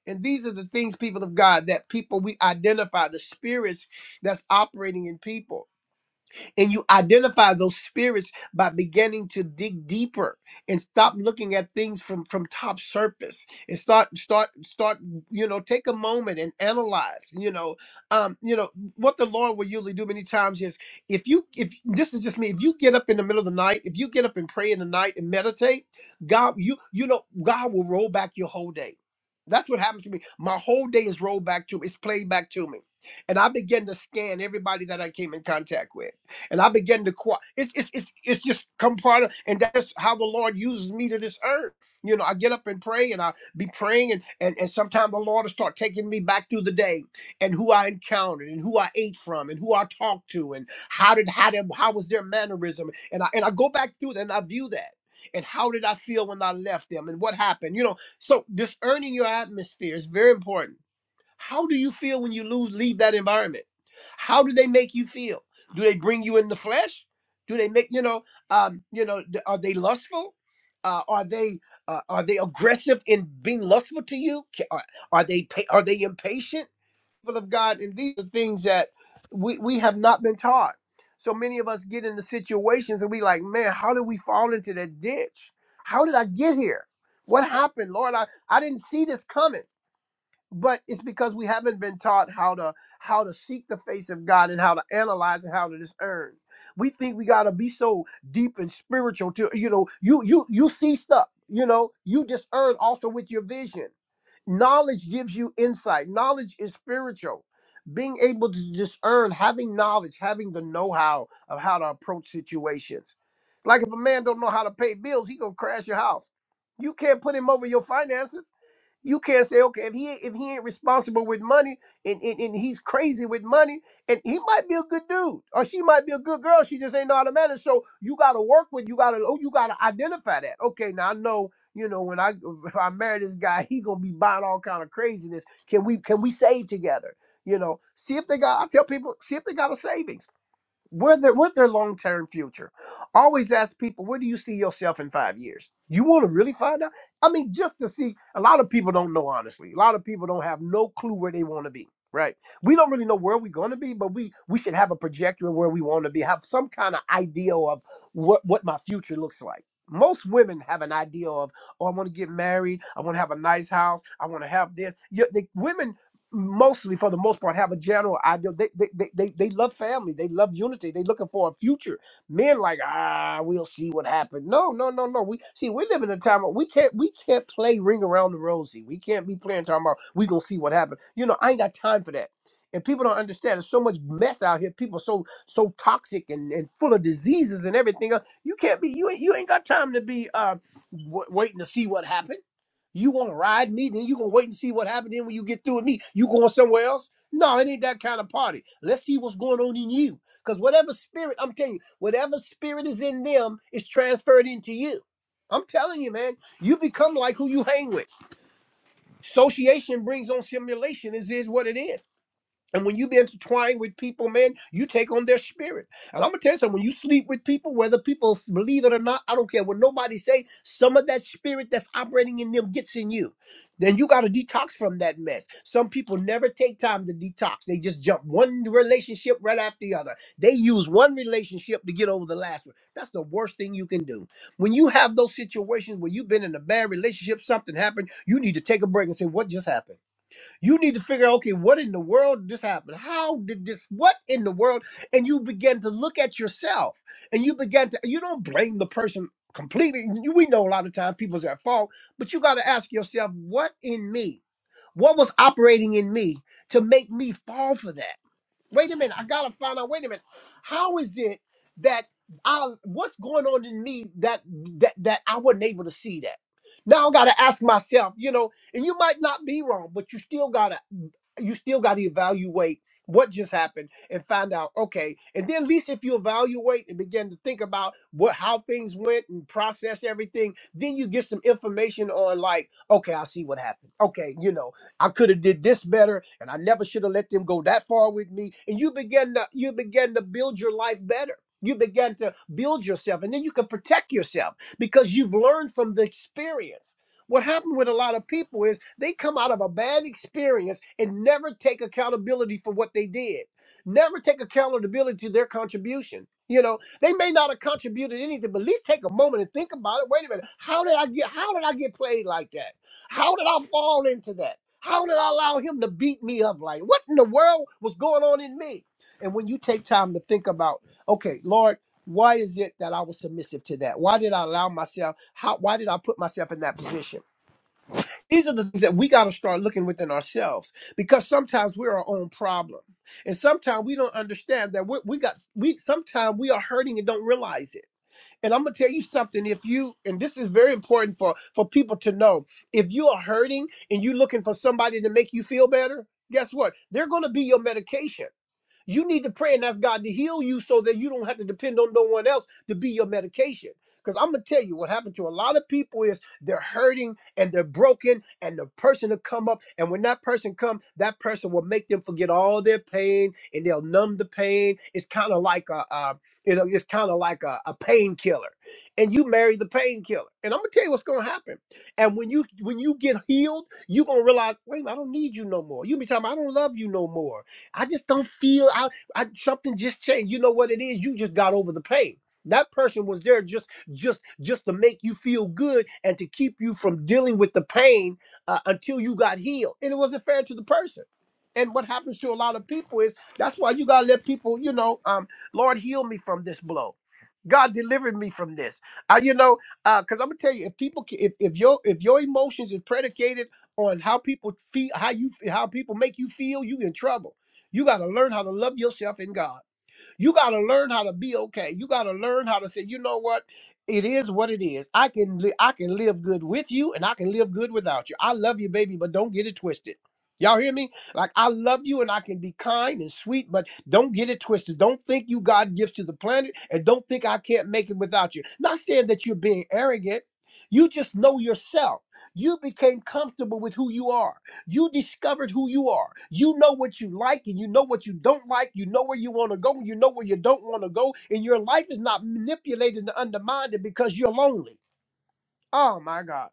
[SPEAKER 1] And these are the things, people of God, that people we identify the spirits that's operating in people and you identify those spirits by beginning to dig deeper and stop looking at things from from top surface and start start start you know take a moment and analyze you know um you know what the Lord will usually do many times is if you if this is just me if you get up in the middle of the night if you get up and pray in the night and meditate God you you know God will roll back your whole day. That's what happens to me. My whole day is rolled back to me. It's played back to me and I began to scan everybody that I came in contact with and I began to quiet. It's it's it's it's just come part of, and that's how the Lord uses me to this earth. You know, I get up and pray, and I be praying, and and, and sometimes the Lord will start taking me back through the day, and who I encountered, and who I ate from, and who I talked to, and how did how did how was their mannerism, and I and I go back through that, and I view that. And how did I feel when I left them, and what happened? You know, so discerning your atmosphere is very important how do you feel when you lose leave that environment? How do they make you feel? Do they bring you in the flesh? Do they make you know? Um, you know, th- are they lustful? Uh, are they uh, are they aggressive in being lustful to you? Ca- Are, are they pa- are they impatient? People of God, and these are things that we we have not been taught. So many of us get into situations and we like, man, how did we fall into that ditch? How did I get here? What happened, Lord? I, I didn't see this coming but it's because we haven't been taught how to how to seek the face of God and how to analyze and how to discern. We think we gotta be so deep and spiritual to you know you you you see stuff you know you discern also with your vision. Knowledge gives you insight. Knowledge is spiritual. Being able to discern, having knowledge, having the know-how of how to approach situations. Like if a man don't know how to pay bills, he gonna crash your house. You can't put him over your finances you can't say, okay, if he ain't- if he ain't responsible with money and, and, and he's crazy with money, and he might be a good dude, or she might be a good girl, she just ain't know how to manage. So you gotta work with, you gotta oh, you gotta identify that. Okay, now I know, you know, when I if I marry this guy, he gonna be buying all kind of craziness. Can we can we save together? You know, see if they got I tell people, see if they got a savings where their what their long term future? Always ask people, where do you see yourself in five years? You want to really find out? I mean, just to see. A lot of people don't know honestly. A lot of people don't have no clue where they want to be. Right? We don't really know where we're going to be, but we we should have a projection of where we want to be. Have some kind of idea of what what my future looks like. Most women have an idea of, oh, I want to get married. I want to have a nice house. I want to have this. You, the women mostly for the most part have a general idea they they, they, they they love family they love unity they looking for a future men like ah we'll see what happens no no no no we see we live in a time where we can't we can't play ring around the rosy we can't be playing talking about we gonna see what happens you know i ain't got time for that and people don't understand there's so much mess out here people so so toxic and, and full of diseases and everything else you can't be you ain't you ain't got time to be uh w- waiting to see what happens you gonna ride me, then you gonna wait and see what happened. Then when you get through with me, you going somewhere else? No, it ain't that kind of party. Let's see what's going on in you. Because whatever spirit, I'm telling you, whatever spirit is in them is transferred into you. I'm telling you, man, you become like who you hang with. Association brings on simulation, is is what it is. And when you be intertwined with people, man, you take on their spirit. And I'm gonna tell you something: when you sleep with people, whether people s- believe it or not, I don't care what nobody say. Some of that spirit that's operating in them gets in you. Then you gotta detox from that mess. Some people never take time to detox; they just jump one relationship right after the other. They use one relationship to get over the last one. That's the worst thing you can do. When you have those situations where you've been in a bad relationship, something happened, you need to take a break and say, "What just happened?" You need to figure out, okay, what in the world did this happen? How did this, what in the world? And you begin to look at yourself and you begin to, you don't blame the person completely. You- We know a lot of times people's at fault, but you got to ask yourself, what in me? What was operating in me to make me fall for that? Wait a minute. I gotta find out. Wait a minute. How is it that I what's going on in me that that that I wasn't able to see that? Now I gotta ask myself, you know, and you might not be wrong, but you still gotta you still gotta evaluate what just happened and find out, okay. And then at least if you evaluate and begin to think about what how things went and process everything, then you get some information on like, okay, I see what happened. Okay, you know. I could have did this better, and I never should have let them go that far with me. And you begin to you begin to build your life better. You begin to build yourself, and then you can protect yourself because you've learned from the experience. What happened with a lot of people is they come out of a bad experience and never take accountability for what they did, never take accountability to their contribution. You know, they may not have contributed anything, but at least take a moment and think about it. Wait a minute, how did I get? How did I get played like that? How did I fall into that? How did I allow him to beat me up? Like, what in the world was going on in me? And when you take time to think about, okay, Lord, why is it that I was submissive to that? Why did I allow myself? How? Why did I put myself in that position? These are the things that we got to start looking within ourselves because sometimes we're our own problem, and sometimes we don't understand that we, we got we. Sometimes we are hurting and don't realize it. And I'm gonna tell you something. If you and this is very important for for people to know, if you are hurting and you're looking for somebody to make you feel better, guess what? They're gonna be your medication. You need to pray and ask God to heal you so that you don't have to depend on no one else to be your medication. Because I'm gonna tell you what happened to a lot of people is they're hurting and they're broken, and the person will come up, and when that person come, that person will make them forget all their pain and they'll numb the pain. It's kind of like a, uh, you know, it's kind of like a, a painkiller, and you marry the painkiller. And I'm gonna tell you what's gonna happen. And when you when you get healed, you gonna realize, wait, a minute, I don't need you no more. You be talking, about, I don't love you no more I just don't feel I, I something just changed. You know what it is? You just got over the pain. That person was there just just just to make you feel good and to keep you from dealing with the pain uh, until you got healed. And it wasn't fair to the person. And what happens to a lot of people is that's why you gotta let people, you know, um, Lord heal me from this blow. God delivered me from this. Uh, you know, because I'm gonna tell you, if people, ca- if, if your if your emotions is predicated on how people feel, how you f- how people make you feel, you in trouble you got to learn how to love yourself in God. You got to learn how to be okay. You got to learn how to say, you know what? It is what it is. I can li- I can live good with you and I can live good without you. I love you, baby, but don't get it twisted. Y'all hear me? Like I love you and I can be kind and sweet, but don't get it twisted. Don't think you God gifts to the planet and don't think I can't make it without you. Not saying that you're being arrogant. You just know yourself. You became comfortable with who you are. You discovered who you are. You know what you like and you know what you don't like. You know where you want to go and you know where you don't want to go. And your life is not manipulated and undermined because you're lonely. Oh my God.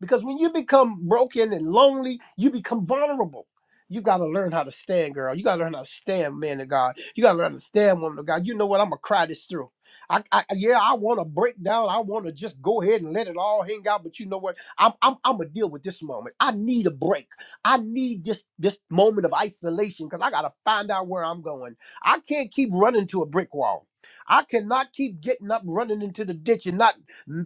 [SPEAKER 1] Because when you become broken and lonely, you become vulnerable. You got to learn how to stand, girl. You got to learn how to stand, man of God. You got to learn how to stand, woman of God. You know what? I'm going to cry this through. I, I Yeah, I want to break down. I want to just go ahead and let it all hang out. But you know what? I'm, I'm, I'm going to deal with this moment. I need a break. I need this, this moment of isolation because I got to find out where I'm going. I can't keep running to a brick wall. I cannot keep getting up, running into the ditch, and not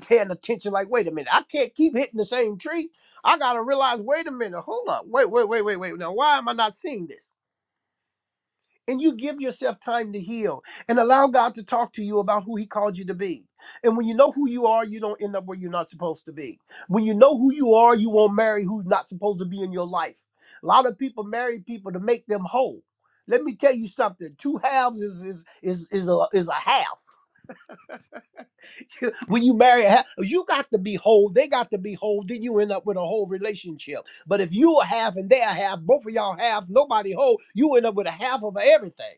[SPEAKER 1] paying attention like wait a minute i can't keep hitting the same tree i gotta realize wait a minute hold up wait wait wait wait wait now why am i not seeing this and you give yourself time to heal and allow god to talk to you about who he called you to be and when you know who you are you don't end up where you're not supposed to be when you know who you are you won't marry who's not supposed to be in your life a lot of people marry people to make them whole let me tell you something two halves is is is is a, is a half when you marry, ha- you got to be whole. They got to be whole. Then you end up with a whole relationship. But if you a half and they a half, both of y'all half, nobody whole, you end up with a half of everything.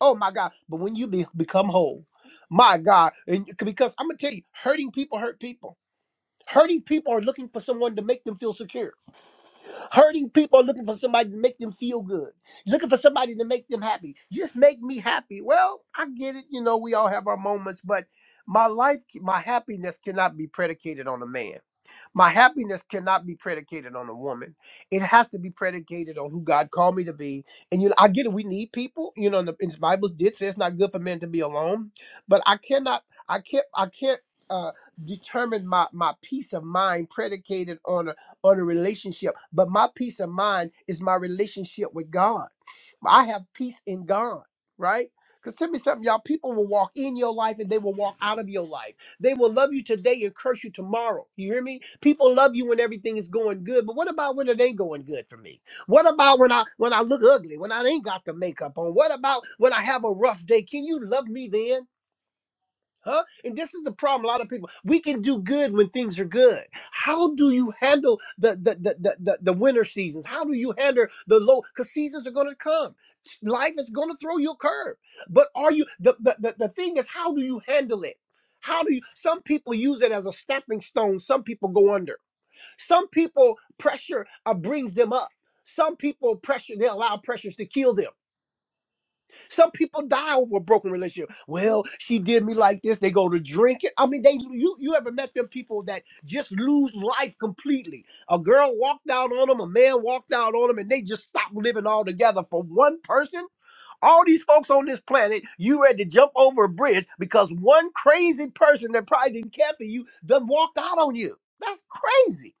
[SPEAKER 1] Oh my God. But when you be, become whole, my God. And because I'm going to tell you, hurting people hurt people. Hurting people are looking for someone to make them feel secure. Hurting people are looking for somebody to make them feel good, looking for somebody to make them happy. Just make me happy. Well, I get it. You know, we all have our moments, but my life, my happiness cannot be predicated on a man. My happiness cannot be predicated on a woman. It has to be predicated on who God called me to be. And you know, I get it. We need people. You know, and the, and the Bible did say it's not good for men to be alone. But I cannot. I can't. I can't. Uh, determine my my peace of mind predicated on a on a relationship but my peace of mind is my relationship with god i have peace in god right because tell me something y'all people will walk in your life and they will walk out of your life they will love you today and curse you tomorrow. You hear me? People love you when everything is going good, but what about when it ain't going good for me? What about when I when I look ugly, when I ain't got the makeup on? What about when I have a rough day? Can you love me then? Huh? And this is the problem. A lot of people, we can do good when things are good. How do you handle the the the the, the, the winter seasons? How do you handle the low? Because seasons are gonna come. Life is gonna throw you a curve. But are you the, the the the thing is how do you handle it? How do you some people use it as a stepping stone, some people go under. Some people pressure uh, brings them up. Some people pressure, they allow pressures to kill them. Some people die over a broken relationship. Well, she did me like this. They go to drinking. I mean, they you you ever met them people that just lose life completely? A girl walked out on them, a man walked out on them, and they just stopped living altogether for one person. All these folks on this planet, you ready to jump over a bridge because one crazy person that probably didn't care for you done walked out on you. That's crazy.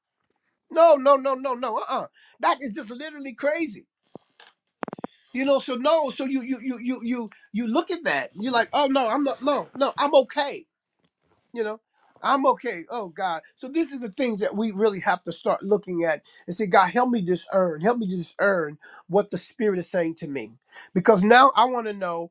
[SPEAKER 1] No, no, no, no, no. Uh, uh that is just literally crazy. You know, so no, so you you you you you you look at that. You're like, oh no, I'm not no, no, I'm okay. You know, I'm okay. Oh God. So these are the things that we really have to start looking at and say, God, help me discern. Help me discern what the Spirit is saying to me. Because now I want to know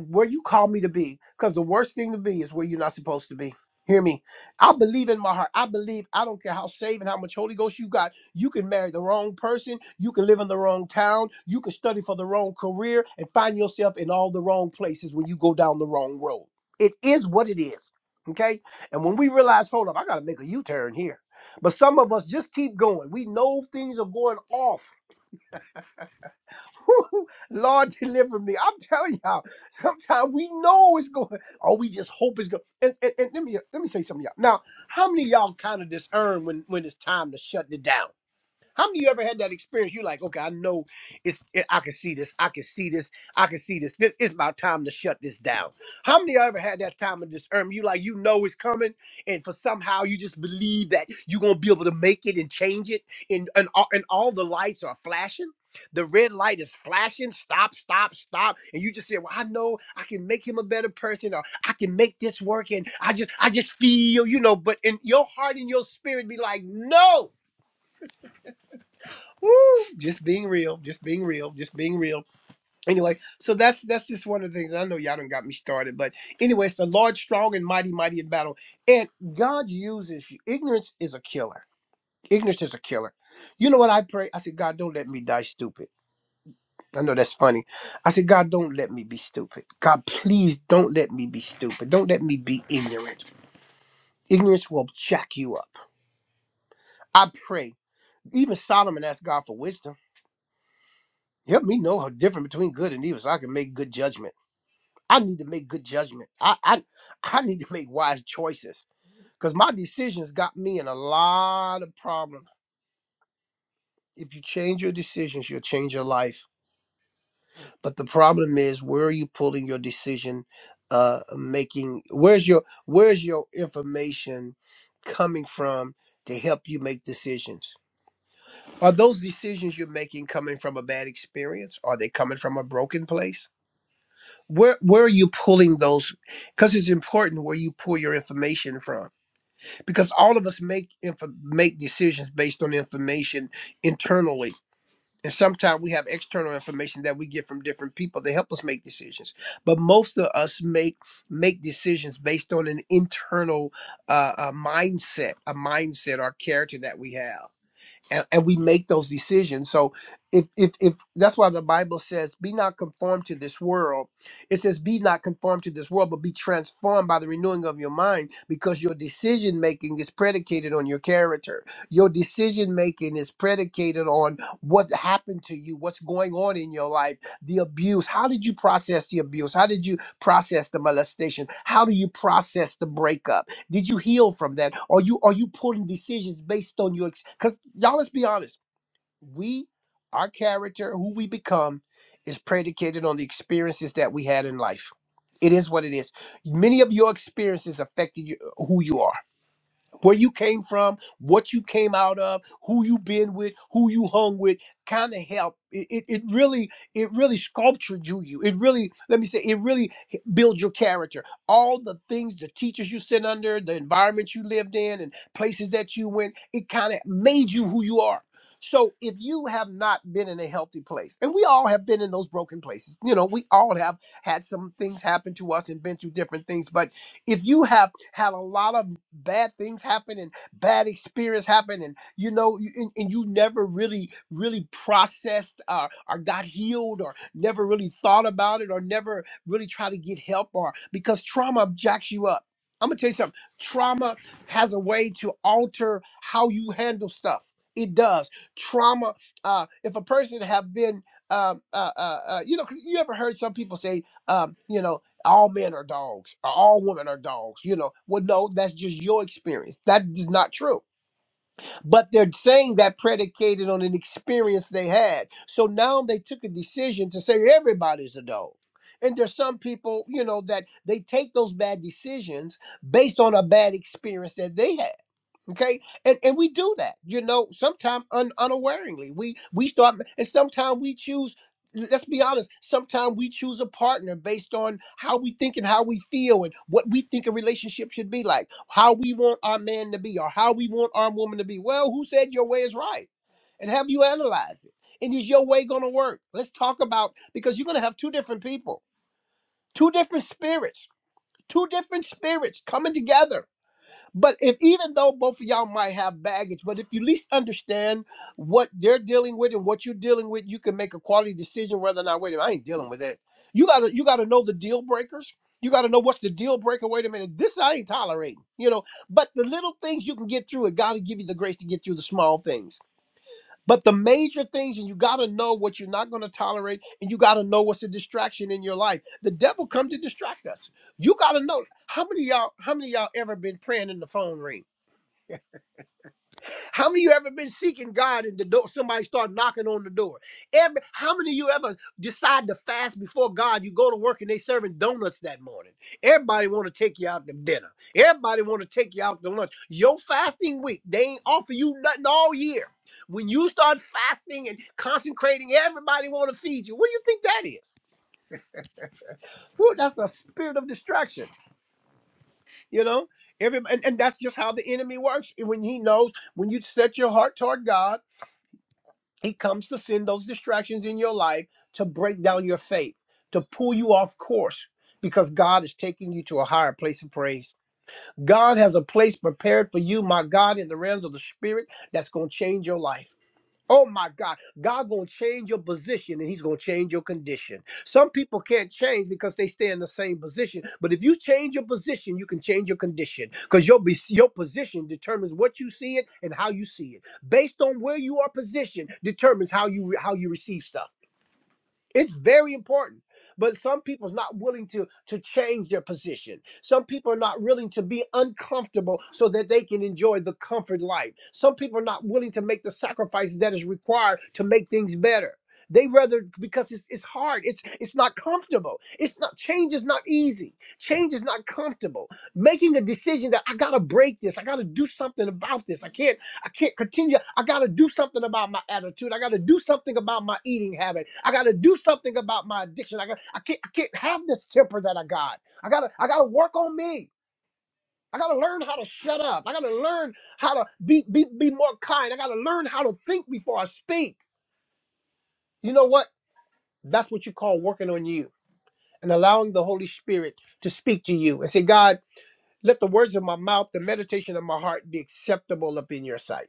[SPEAKER 1] where you call me to be because the worst thing to be is where you're not supposed to be hear me i believe in my heart i believe i don't care how saved and how much holy ghost you got you can marry the wrong person you can live in the wrong town you can study for the wrong career and find yourself in all the wrong places when you go down the wrong road it is what it is okay and when we realize hold up i gotta make a u-turn here but some of us just keep going we know things are going off Lord, deliver me. I'm telling y'all, sometimes we know it's going, or we just hope it's going. And, and, and let me let me say something, y'all. Now, how many of y'all kind of discern when when it's time to shut it down? How many of you ever had that experience? You're like, okay, I know it's it, I can see this, I can see this, I can see this. This is my time to shut this down. How many of you ever had that time of discernment? You like you know it's coming, and for somehow you just believe that you're gonna be able to make it and change it, and and all, and all the lights are flashing. The red light is flashing, stop, stop, stop. And you just say, Well, I know I can make him a better person, or I can make this work, and I just I just feel, you know, but in your heart and your spirit be like, no. Woo! Just being real, just being real, just being real. Anyway, so that's that's just one of the things. I know y'all done got me started, but anyway, it's the Lord strong and mighty, mighty in battle. And God uses you. Ignorance is a killer. Ignorance is a killer. You know what I pray? I said, God, don't let me die stupid. I know that's funny. I said, God, don't let me be stupid. God, please don't let me be stupid. Don't let me be ignorant. Ignorance will jack you up. I pray. Even Solomon asked God for wisdom. Help me know how different between good and evil so I can make good judgment. I need to make good judgment. I I, I need to make wise choices. Because my decisions got me in a lot of problems. If you change your decisions, you'll change your life. But the problem is where are you pulling your decision uh making where's your where's your information coming from to help you make decisions? Are those decisions you're making coming from a bad experience? Are they coming from a broken place? where where are you pulling those because it's important where you pull your information from because all of us make inf- make decisions based on information internally and sometimes we have external information that we get from different people that help us make decisions but most of us make make decisions based on an internal uh, uh mindset a mindset or character that we have and, and we make those decisions so if, if if that's why the bible says be not conformed to this world it says be not conformed to this world but be transformed by the renewing of your mind because your decision making is predicated on your character your decision making is predicated on what happened to you what's going on in your life the abuse how did you process the abuse how did you process the molestation how do you process the breakup did you heal from that? Are you are you pulling decisions based on your because y'all let's be honest. We our character, who we become, is predicated on the experiences that we had in life. It is what it is. Many of your experiences affected you, who you are where you came from, what you came out of, who you been with, who you hung with, kind of help. It, it, it really, it really sculptured you. You, it really, let me say, it really h- builds your character. All the things, the teachers you sit under, the environment you lived in, and places that you went, it kind of made you who you are. So if you have not been in a healthy place, and we all have been in those broken places, you know, we all have had some things happen to us and been through different things, but if you have had a lot of bad things happen and bad experience happen, and you know, you- and, and you never really, really processed uh, or got healed, or never really thought about it, or never really try to get help, or because trauma jacks you up. I'm gonna tell you something. Trauma has a way to alter how you handle stuff. It does. Trauma. Uh, if a person have been um, uh, uh, uh, you know, 'cause you ever heard some people say, um, you know all men are dogs or all women are dogs you know well no that's just your experience that is not true but they're saying that predicated on an experience they had so now they took a decision to say everybody's a dog and there's some people you know that they take those bad decisions based on a bad experience that they had okay and and we do that you know sometimes un, unawareingly we we start and sometimes we choose let's be honest sometimes we choose a partner based on how we think and how we feel and what we think a relationship should be like how we want our man to be or how we want our woman to be well who said your way is right and have you analyzed it and is your way going to work let's talk about because you're going to have two different people two different spirits two different spirits coming together but if even though both of y'all might have baggage, but if you at least understand what they're dealing with and what you're dealing with, you can make a quality decision whether or not, wait a minute, I ain't dealing with that. You gotta you gotta know the deal breakers. You gotta know what's the deal breaker. Wait a minute, this I ain't tolerating, you know. But the little things you can get through it, gotta give you the grace to get through the small things. But the major things, and you gotta know what you're not gonna tolerate, and you gotta know what's a distraction in your life. The devil come to distract us. You gotta know how many of y'all, how many of y'all ever been praying and the phone ring? How many of you ever been seeking God and the door somebody start knocking on the door? Every how many of you ever decide to fast before God? You go to work and they serving donuts that morning. Everybody want to take you out to dinner. Everybody want to take you out to lunch. Your fasting week, they ain't offer you nothing all year. When you start fasting and consecrating, everybody want to feed you. What do you think that is? Whew, that's a spirit of distraction, you know? Every, and, and that's just how the enemy works. And When he knows when you set your heart toward God. He comes to send those distractions in your life to break down your faith, to pull you off course, because God is taking you to a higher place of praise. God has a place prepared for you, my God, in the realms of the Spirit that's going to change your life. Oh my God. God gonna change your position and He's gonna change your condition. Some people can't change because they stay in the same position. But if you change your position, you can change your condition. Because your, be- your position determines what you see it and how you see it. Based on where you are positioned, determines how you re- how you receive stuff. It's very important. But some people's not willing to to change their position. Some people are not willing to be uncomfortable so that they can enjoy the comfort life. Some people are not willing to make the sacrifices that is required to make things better. They rather because it's it's hard. It's it's not comfortable. It's not change is not easy. Change is not comfortable. Making a decision that I gotta break this. I gotta do something about this. I can't. I can't continue. I got to do something about my attitude. I got to do something about my eating habit. I got to do something about my addiction. I got I can't I can't have this temper that I got. I got to I got to work on me. I got to learn how to shut up. I got to learn how to be be be more kind. I got to learn how to think before I speak. You know what? That's what you call working on you and allowing the Holy Spirit to speak to you and say, God, let the words of my mouth, the meditation of my heart be acceptable up in your sight.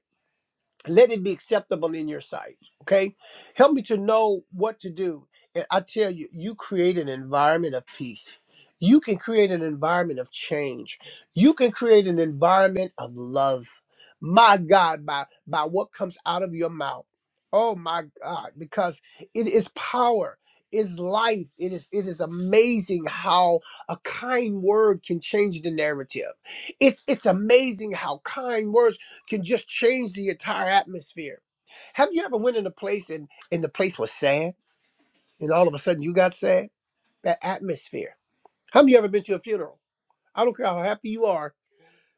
[SPEAKER 1] let it be acceptable in your sight. Okay. Help me to know what to do. And I tell you, you create an environment of peace. You can create an environment of change. You can create an environment of love. My God, by, by what comes out of your mouth. Oh my God, because it is power, is life. It is it is amazing how a kind word can change the narrative. It's it's amazing how kind words can just change the entire atmosphere. Have you ever went in a place and, and the place was sad and all of a sudden you got sad? That atmosphere. How many of you ever been to a funeral? I don't care how happy you are.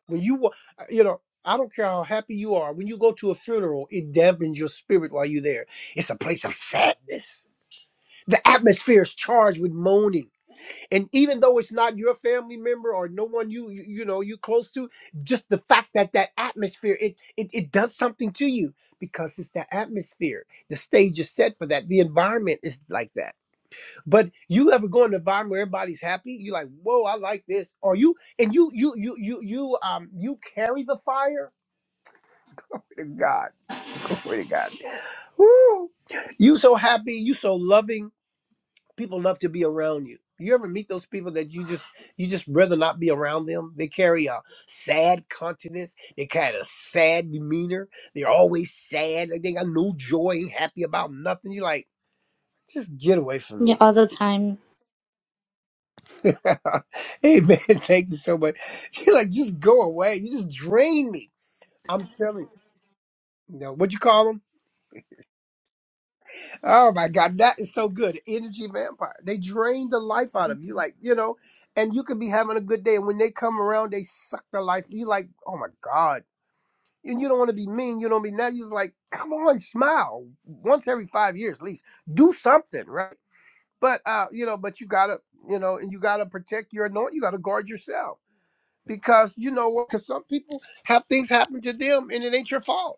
[SPEAKER 1] When you, wa- uh, you know, I don't care how happy you are. When you go to a funeral, it dampens your spirit while you're there. It's a place of sadness. The atmosphere is charged with moaning and even though it's not your family member or no one you you, you know you close to just the fact that that atmosphere it, it it does something to you because it's the atmosphere the stage is set for that the environment is like that but you ever go in an environment where everybody's happy you're like whoa i like this or you and you you you you you um you carry the fire Glory to god glory to god Woo. you so happy you so loving people love to be around you. You ever meet those people that you just you just rather not be around them? They carry a sad countenance. They kind of sad demeanor. They're always sad. Like they got no joy, ain't happy about nothing. You're like, just get away from
[SPEAKER 3] yeah
[SPEAKER 1] me.
[SPEAKER 3] all the time
[SPEAKER 1] hey man, thank you so much. You're like, just go away. You just drain me. I'm telling you. No, what you call them? Oh my God, that is so good. Energy vampire. They drain the life out of you. Like, you know, and you could be having a good day. And when they come around, they suck the life. You like, oh my God. And you don't want to be mean. You don't be now. You just like, come on, smile. Once every five years at least. Do something, right? But uh, you know, but you gotta, you know, and you gotta protect your anointing. You gotta guard yourself. Because you know what? Because some people have things happen to them and it ain't your fault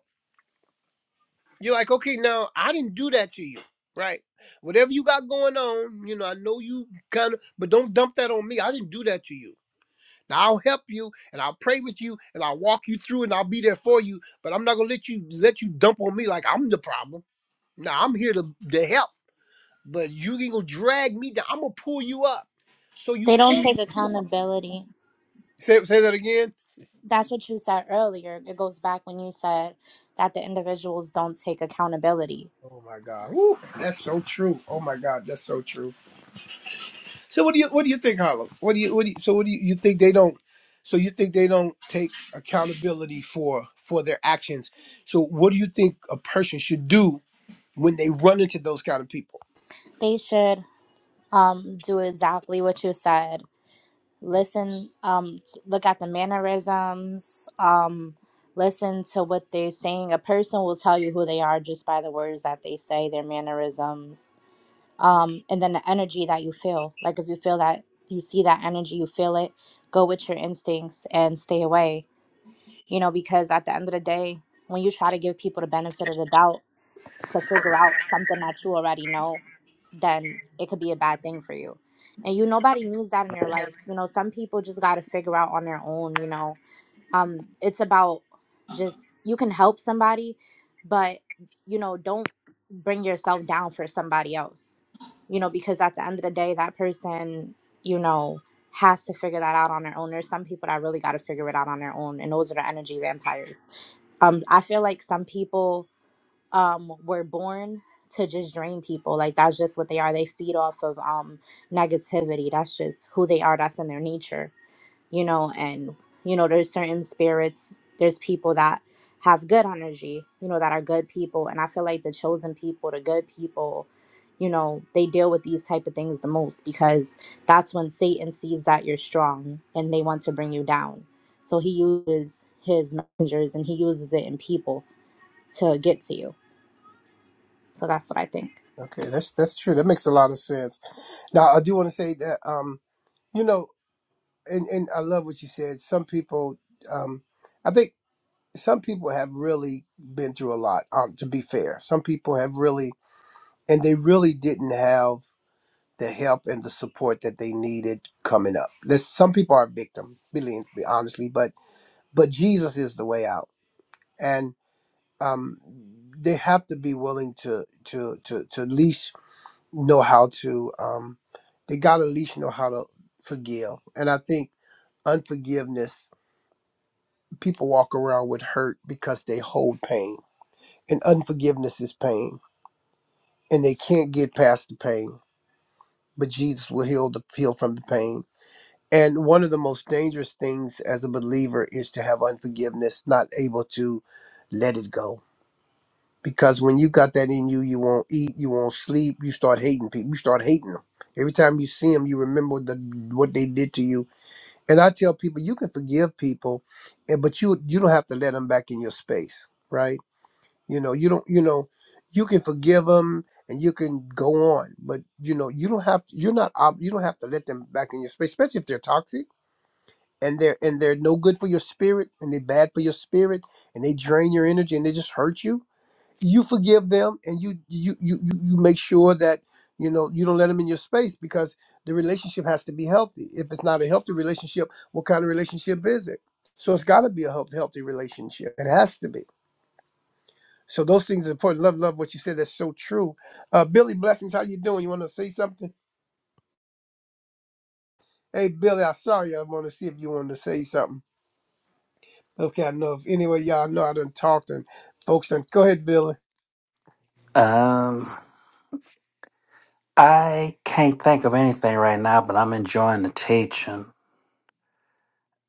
[SPEAKER 1] you're like, okay, now I didn't do that to you, right? Whatever you got going on, you know, I know you kind of, but don't dump that on me. I didn't do that to you. Now I'll help you, and I'll pray with you, and I'll walk you through, and I'll be there for you. But I'm not gonna let you let you dump on me like I'm the problem. Now I'm here to to help, but you ain't gonna drag me down. I'm gonna pull you up. So you
[SPEAKER 3] they don't
[SPEAKER 1] pull.
[SPEAKER 3] take accountability
[SPEAKER 1] Say say that again.
[SPEAKER 3] that's what you said earlier it goes back when you said that the individuals don't take accountability
[SPEAKER 1] Oh my God, Woo, that's so true. Oh my God, that's so true. So what do you what do you think, Harlem? What do you what do you, so what do you, you think they don't? So you think they don't take accountability for for their actions? So what do you think a person should do when they run into those kind of people?
[SPEAKER 3] They should um, do exactly what you said. Listen, um, t- look at the mannerisms, um, listen to what they're saying. A person will tell you who they are just by the words that they say, their mannerisms, um, and then the energy that you feel. Like if you feel that, you see that energy, you feel it, go with your instincts and stay away. you know, because at the end of the day, when you try to give people the benefit of the doubt to figure out something that you already know, then it could be a bad thing for you. And you, nobody needs that in their life. You know, some people just got to figure out on their own, you know, um it's about just you can help somebody but you know don't bring yourself down for somebody else you know because at the end of the day that person you know has to figure that out on their own there's some people that really got to figure it out on their own and those are the energy vampires um i feel like some people um were born to just drain people like that's just what they are they feed off of um negativity that's just who they are that's in their nature you know, and you know, there's certain spirits, there's people that have good energy, you know, that are good people. And I feel like the chosen people, the good people, you know, they deal with these type of things the most because that's when Satan sees that you're strong and they want to bring you down. So he uses his messengers and he uses it in people to get to you. So that's what I think.
[SPEAKER 1] Okay, that's that's true. That makes a lot of sense. Now I do want to say that um you know and and I love what you said. Some people um I think some people have really been through a lot. Um, to be fair, some people have really and they really didn't have. the help and the support that they needed coming up. There's, some people are victim, really, be- honestly, but but Jesus is the way out, and um, they have to be willing to to to to at least know how to. Um, they got to at least know how to forgive, and I think unforgiveness. People walk around with hurt because they hold pain, and unforgiveness is pain, and they can't get past the pain. But Jesus will heal the heal from the pain And one of the most dangerous things as a believer is to have unforgiveness, not able to let it go. Because when you got that in you, you won't eat, you won't sleep, you start hating people, you start hating them. Every time you see them, you remember the, what they did to you. And I tell people, you can forgive people, and- but you you don't have to let them back in your space, right? You know, you don't, you know, you can forgive them and you can go on, but you know, you don't have, to, you're not, ob- you don't have to let them back in your space, especially if they're toxic and they're and they're no good for your spirit and they're bad for your spirit and they drain your energy and they just hurt you you forgive them and you you you you you make sure that you know you don't let them in your space because the relationship has to be healthy if it's not a healthy relationship what kind of relationship is it so it's got to be a health healthy relationship it has to be so those things are important love love what you said that's so true uh billy blessings how you doing you want to say something hey billy i saw you i want to see if you wanted to say something Okay, I know. If anyway, y'all know I done talked and folks done. Go ahead, Billy.
[SPEAKER 4] Um, I can't think of anything right now, but I'm enjoying the teaching.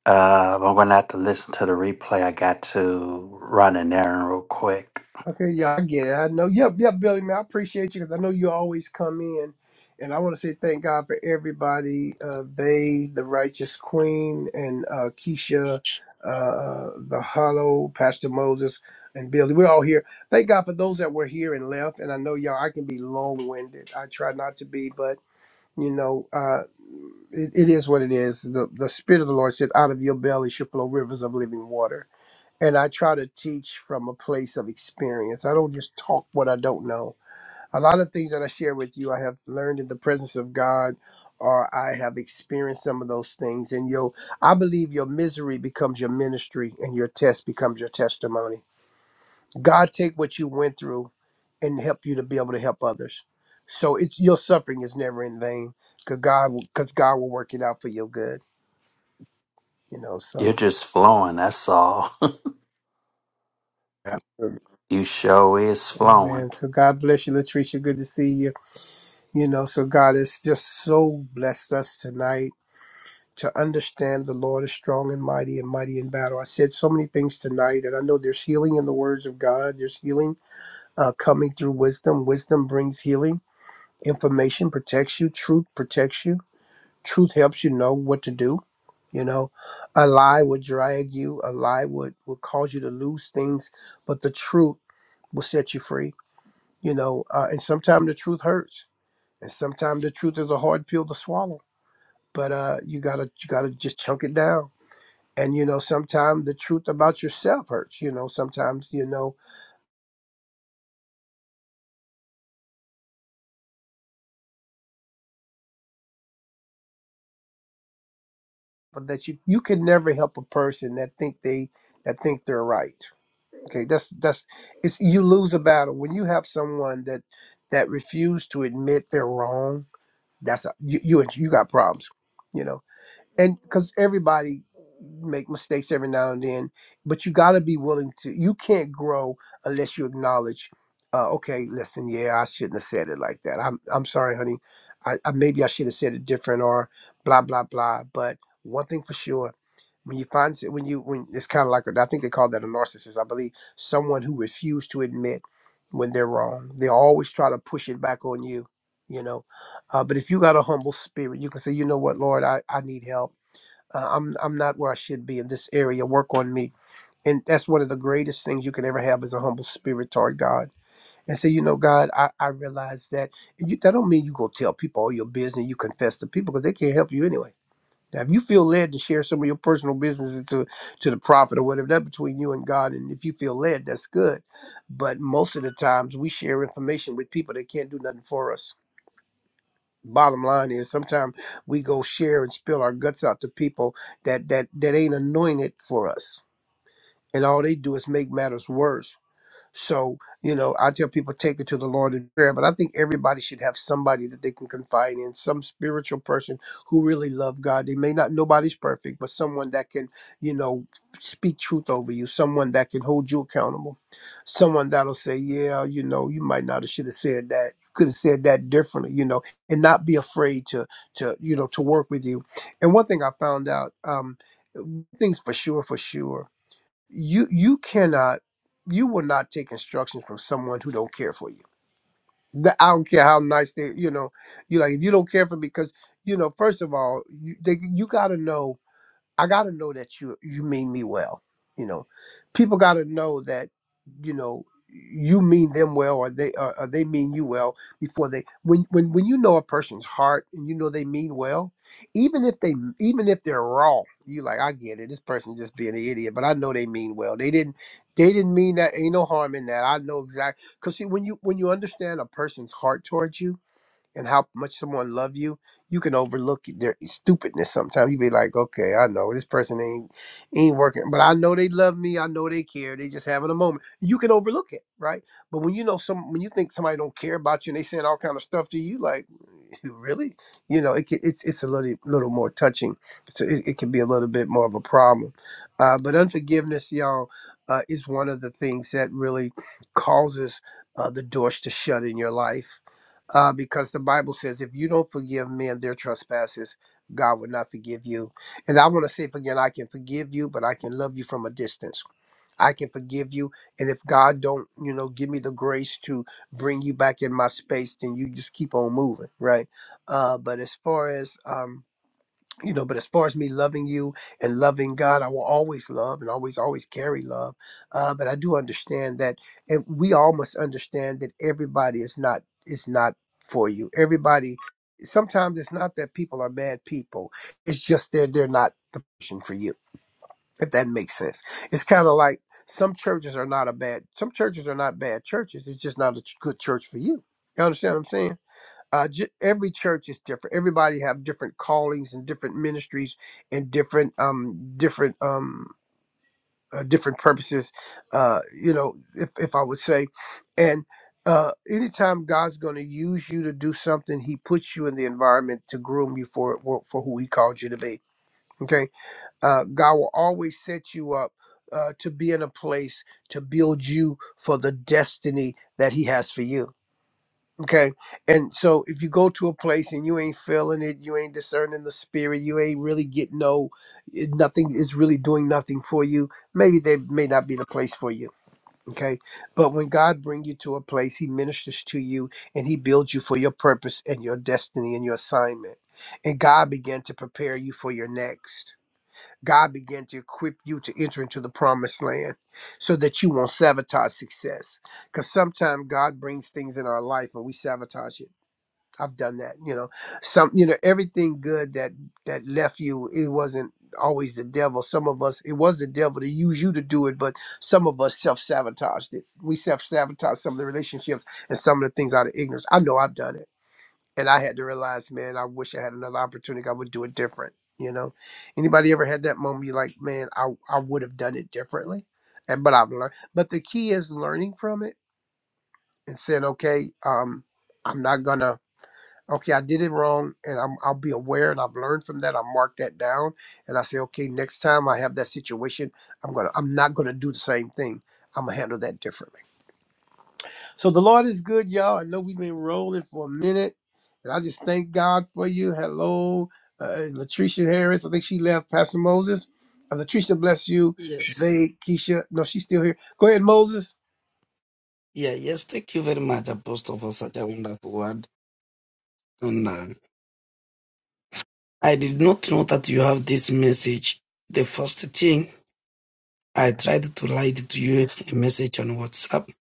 [SPEAKER 4] Uh, I'm going to have to listen to the replay. I got to run an errand real quick.
[SPEAKER 1] Okay, y'all I get it. I know. Yep, yep, Billy, man. I appreciate you because I know you always come in. And I want to say thank God for everybody. Uh, they, the Righteous Queen, and uh, Keisha, uh, uh, the Hollow, Pastor Moses, and Billy. We're all here. Thank God for those that were here and left. And I know y'all, I can be long winded. I try not to be, but You know, uh, it, it is what it is. The, the Spirit of the Lord said, out of your belly should flow rivers of living water. And I try to teach from a place of experience. I don't just talk what I don't know. A lot of things that I share with you, I have learned in the presence of God, or I have experienced some of those things. And your, I believe your misery becomes your ministry and your test becomes your testimony God take what you went through and help you to be able to help others. So it's your suffering is never in vain, cause God, cause God will work it out for your good. You know, so.
[SPEAKER 4] You're just flowing, that's all.
[SPEAKER 1] Absolutely.
[SPEAKER 4] You sure is flowing.
[SPEAKER 1] Amen. So God bless you, Latricia. Good to see you. You know, so God has just so blessed us tonight to understand the Lord is strong and mighty and mighty in battle. I said so many things tonight, and I know there's healing in the words of God. There's healing uh, coming through wisdom. Wisdom brings healing. Information protects you. Truth protects you truth helps you know what to do you know a lie would drag you a lie would would cause you to lose things but the truth will set you free you know uh, and sometimes the truth hurts and sometimes the truth is a hard pill to swallow but uh you gotta you gotta just chunk it down and you know sometimes the truth about yourself hurts you know sometimes you know but that you you can never help a person that think they that think they're right Okay, that's that's it's you lose a battle when you have someone that that refuse to admit they're wrong. That's a, you you you got problems, you know and because everybody make mistakes every now and then but you got to be willing to you can't grow unless you acknowledge uh, okay listen yeah i shouldn't have said it like that i'm, I'm sorry honey I, I maybe i should have said it different or blah blah blah but one thing for sure when you find s- when you when it's kind of like a, i think they call that a narcissist i believe someone who refused to admit when they're wrong they always try to push it back on you you know uh, but if you got a humble spirit you can say you know what lord i, I need help uh, I'm I'm not where I should be in this area. Work on me, and that's one of the greatest things you can ever have is a humble spirit toward God, and say, you know, God, I I realize that. And you, that don't mean you go tell people all your business. You confess to people because they can't help you anyway. Now, if you feel led to share some of your personal businesses to to the prophet or whatever, that between you and God, and if you feel led, that's good. But most of the times, we share information with people that can't do nothing for us bottom line is sometimes we go share and spill our guts out to people that that that ain't anointed for us and all they do is make matters worse so, you know, I tell people take it to the Lord in prayer, but I think everybody should have somebody that they can confide in, some spiritual person who really love God. They may not nobody's perfect, but someone that can, you know, speak truth over you, someone that can hold you accountable, someone that'll say, Yeah, you know, you might not have should have said that. You could have said that differently, you know, and not be afraid to to, you know, to work with you. And one thing I found out, um things for sure, for sure you you cannot you will not take instructions from someone who don't care for you The- i don't care how nice they you know you like if you don't care for because you know first of all you, they, you got to know I gotta know that you you mean me well. You know, people gotta know that you know you mean them well, or they or, or they mean you well before they when when when you know a person's heart and you know they mean well, even if they even if they're raw, you like I get it. This person just being an idiot, but I know they mean well. They didn't they didn't mean that. Ain't no harm in that. I know exactly because see when you when you understand a person's heart towards you and how much someone love you, you can overlook their stupidness sometimes. You be like, okay, I know this person ain't ain't working, but I know they love me. I know they care. They just having a moment. You can overlook it, right? But when you know some, when you think somebody don't care about you and they saying all kind of stuff to you, like really, you know, it can, it's it's a little little more touching. So it, it can be a little bit more of a problem. Uh, but unforgiveness, y'all, uh, is one of the things that really causes uh, the doors to shut in your life uh, because the Bible says, if you don't forgive men their trespasses, God will not forgive you. And I want to say it again, I can forgive you, but I can love you from a distance. I can forgive you, and if God don't, you know, give me the grace to bring you back in my space, then you just keep on moving, right? Uh, but as far as um, you know but as far as me loving you and loving god i will always love and always always carry love uh, but i do understand that and we all must understand that everybody is not is not for you everybody sometimes it's not that people are bad people it's just that they're not the person for you if that makes sense it's kind of like some churches are not a bad some churches are not bad churches it's just not a ch- good church for you you understand what i'm saying uh, ju- every church is different. Everybody have different callings and different ministries and different um different um uh, different purposes. Uh, you know, if if I would say, and uh, anytime God's going to use you to do something, He puts you in the environment to groom you for for, for who He called you to be. Okay, uh, God will always set you up uh, to be in a place to build you for the destiny that He has for you Okay. And so if you go to a place and you ain't feeling it, you ain't discerning the spirit, you ain't really getting no, it- nothing is really doing nothing for you, maybe they may not be the place for you. Okay. But when God bring you to a place, he ministers to you and he builds you for your purpose and your destiny and your assignment. And God began to prepare you for your next. God began to equip you to enter into the promised land so that you won't sabotage success. Because sometimes God brings things in our life and we sabotage it I've done that, you know. Some, you know, everything good that that left you, it wasn't always the devil. Some of us, it was the devil to use you to do it, but some of us self sabotaged it. We self sabotaged some of the relationships and some of the things out of ignorance. I know I've done it, and I had to realize, man, I wish I had another opportunity. I would do it different. You know, anybody ever had that moment? You're like, man, I I would have done it differently, and but I've learned. But the key is learning from it and saying, okay, um, I'm not gonna okay, I did it wrong, and I'm, I'll be aware, and I've learned from that. I mark that down, and I say, okay, next time I have that situation, I'm gonna, I'm not gonna do the same thing. I'm gonna handle that differently. So the Lord is good, y'all. I know we've been rolling for a minute, and I just thank God for you. Hello, uh, Latricia Harris. I think she left. Pastor Moses, uh, Latricia, bless you.
[SPEAKER 2] Yes.
[SPEAKER 1] They, Keisha, no, she's still here. Go ahead, Moses.
[SPEAKER 2] Yeah, yes. Thank you very much, Apostle, for such a wonderful word. And uh, I did not know that you have this message. The first thing I tried to write to you a message on WhatsApp,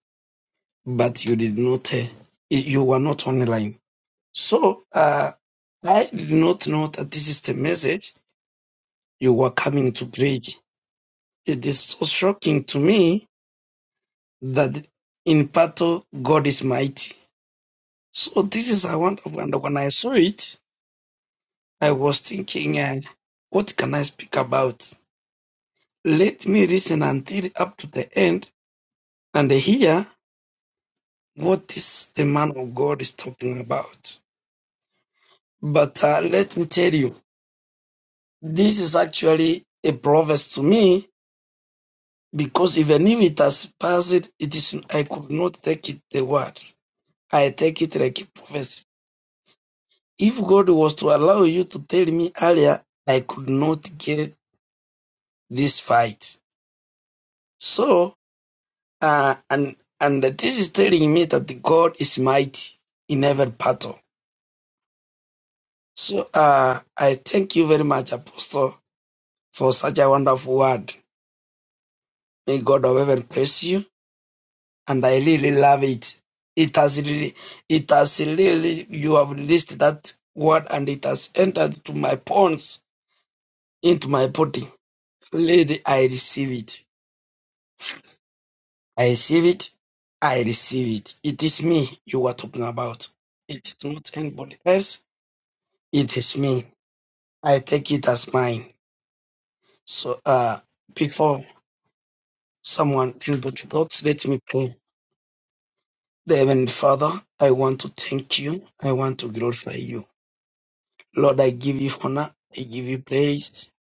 [SPEAKER 2] but you did not. Uh, you were not online. So uh, I did not know that this is the message you were coming to preach. It is so shocking to me that in battle God is mighty So this is I want, and when I saw it, I was thinking, uh, what can I speak about? Let me listen until up to the end and hear what this the man of God is talking about. But uh, let me tell you, this is actually a proverb to me because even if it has passed, it is I could not take it the word. I take it like a prophecy. If God was to allow you to tell me earlier, I could not get this fight So, uh, and and this is telling me that the God is mighty in every battle. So, uh, I thank you very much, Apostle, for such a wonderful word. May God of heaven bless you, and I really love it. It has really, it has really, you have released that word, and it has entered to my bones, into my body. Lady, I receive it. I receive it. I receive it. It is me you are talking about. It is not anybody else It is me. I take it as mine. So, uh, before someone introduces, let me pray. Dear Heavenly Father, I want to thank you. I want to glorify you. Lord, I give you honor. I give you praise.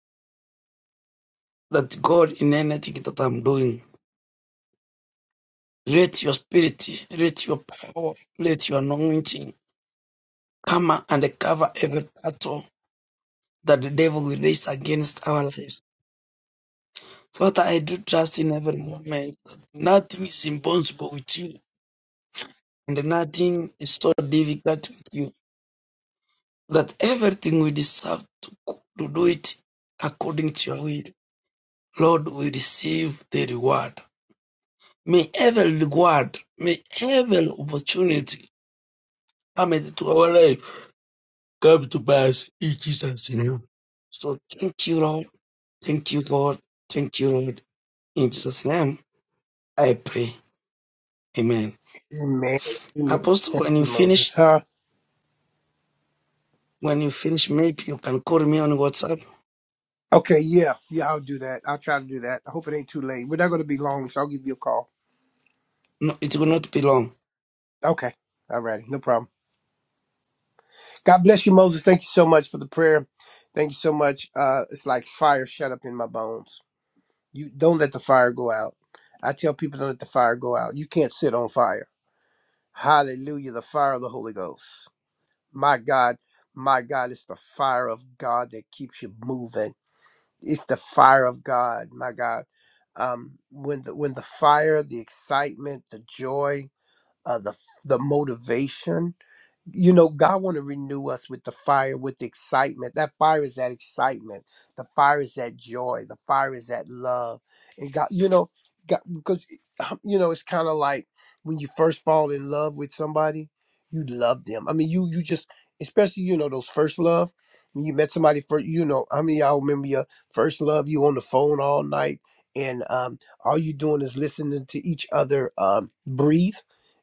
[SPEAKER 2] That God, in anything that I'm doing, let your spirit, let your power, let your anointing come and cover every battle that the devil will raise against our lives. Father, I do trust in every moment. that Nothing is impossible with you. and nothing is so difficult with you that everything we deserve to, to do it according to your will. Lord, we receive the reward. May every reward, may every opportunity come into our life come to pass in Jesus' name. So thank you, Lord. Thank you, God. Thank you, Lord. In Jesus' name, I pray. Amen.
[SPEAKER 1] Amen. Amen.
[SPEAKER 2] Apostle, when you
[SPEAKER 1] Moses,
[SPEAKER 2] finish,
[SPEAKER 1] huh?
[SPEAKER 2] when you finish, maybe you can call me on WhatsApp.
[SPEAKER 1] Okay, yeah, yeah, I'll do that. I'll try to do that. I hope it ain't too late. We're not going to be long, so I'll give you a call.
[SPEAKER 2] No, it will not be long
[SPEAKER 1] Okay, all righty, no problem. God bless you, Moses. Thank you so much for the prayer. Thank you so much. Uh, it's like fire shut up in my bones. You don't let the fire go out. I tell people don't let the fire go out. You can't sit on fire. Hallelujah, the fire of the Holy Ghost. My God, my God, it's the fire of God that keeps you moving. it's the fire of God, my God. Um, when the when the fire, the excitement, the joy, uh, the the motivation you know god want to renew us with the fire with the excitement that fire is that excitement the fire is that joy the fire is that love and god you know god, because um, you know it's kind of like when you first fall in love with somebody you love them i mean you you just especially you know those first love when you met somebody first you know i mean i remember your first love you on the phone all night and um all you doing is listening to each other um breathe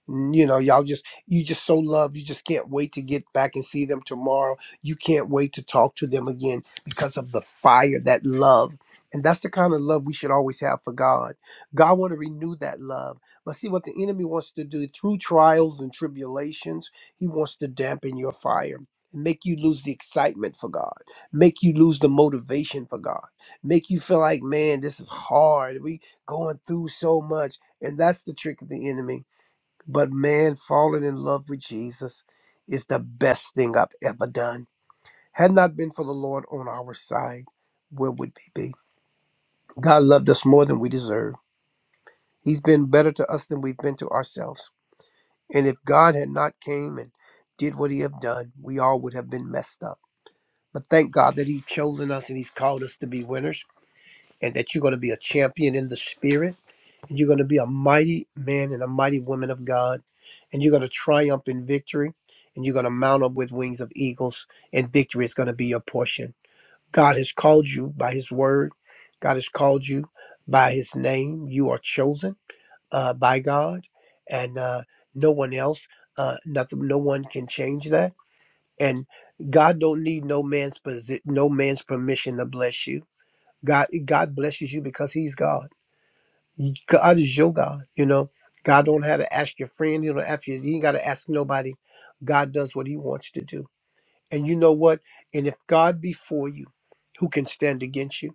[SPEAKER 1] you know y'all just you just so love. You just can't wait to get back and see them tomorrow. You can't wait to talk to them again because of the fire, that love. And that's the kind of love we should always have for God. God want to renew that love. But see what the enemy wants to do through trials and tribulations, he wants to dampen your fire and make you lose the excitement for God, make you lose the motivation for God, make you feel like, man, this is hard. We going through so much. And that's the trick of the enemy but man, falling in love with Jesus is the best thing I've ever done. Had not been for the Lord on our side, where would we be? God loved us more than we deserve. He's been better to us than we've been to ourselves. And if God had not came and did what he have done, we all would have been messed up. But thank God that he's chosen us and he's called us to be winners and that you're going to be a champion in the spirit and You're going to be a mighty man and a mighty woman of God, and you're going to triumph in victory, and you're going to mount up with wings of eagles, and victory is going to be your portion. God has called you by His word, God has called you by His name. You are chosen uh, by God, and uh, no one else, uh, nothing, no one can change that. And God don't need no man's posi- no man's permission to bless you. God, God blesses you because He's God. God is your God, you know. God don't have to ask your friend, you know, after you you ain't gotta ask nobody. God does what he wants to do. And you know what? And if God be for you, who can stand against you?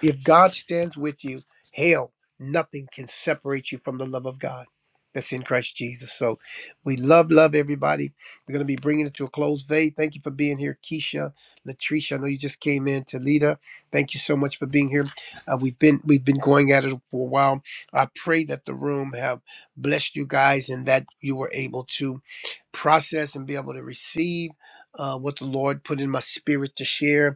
[SPEAKER 1] If God stands with you, hell, nothing can separate you from the love of God that's in Christ Jesus. So we love, love everybody. We're going to be bringing it to a close. Vay, thank you for being here. Keisha, Latricia, I know you just came in. Talita, thank you so much for being here. Uh, we've been we've been going at it for a while. I pray that the room have blessed you guys and that you were able to process and be able to receive uh, what the Lord put in my spirit to share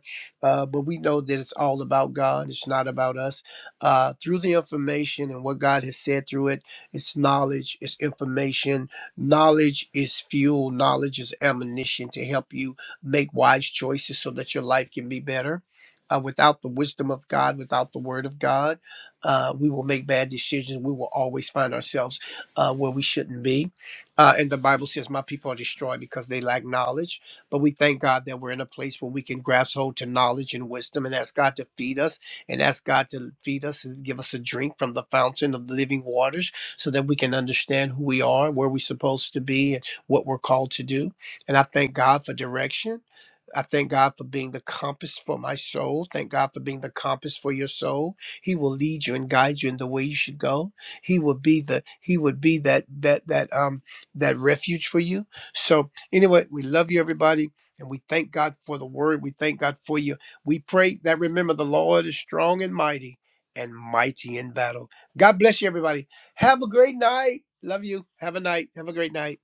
[SPEAKER 1] uh, but we know that it's all about God. It's not about us. Uh, through the information and what God has said through it, it's knowledge, it's information. Knowledge is fuel, knowledge is ammunition to help you make wise choices so that your life can be better. Uh, without the wisdom of God, without the word of God, uh, we will make bad decisions. We will always find ourselves uh, where we shouldn't be. Uh, and the Bible says, My people are destroyed because they lack knowledge but we thank God that we're in a place where we can grasp hold to knowledge and wisdom and ask God to feed us and ask God to feed us and give us a drink from the fountain of living waters so that we can understand who we are, where we're supposed to be, and what we're called to do. And I thank God for direction. I thank God for being the compass for my soul. Thank God for being the compass for your soul. He will lead you and guide you in the way you should go. He will be the He would be that that that um that refuge for you. So Anyway, we love you, everybody, and we thank God for the word. We thank God for you. We pray that remember the Lord is strong and mighty and mighty in battle. God bless you, everybody. Have a great night. Love you. Have a night. Have a great night.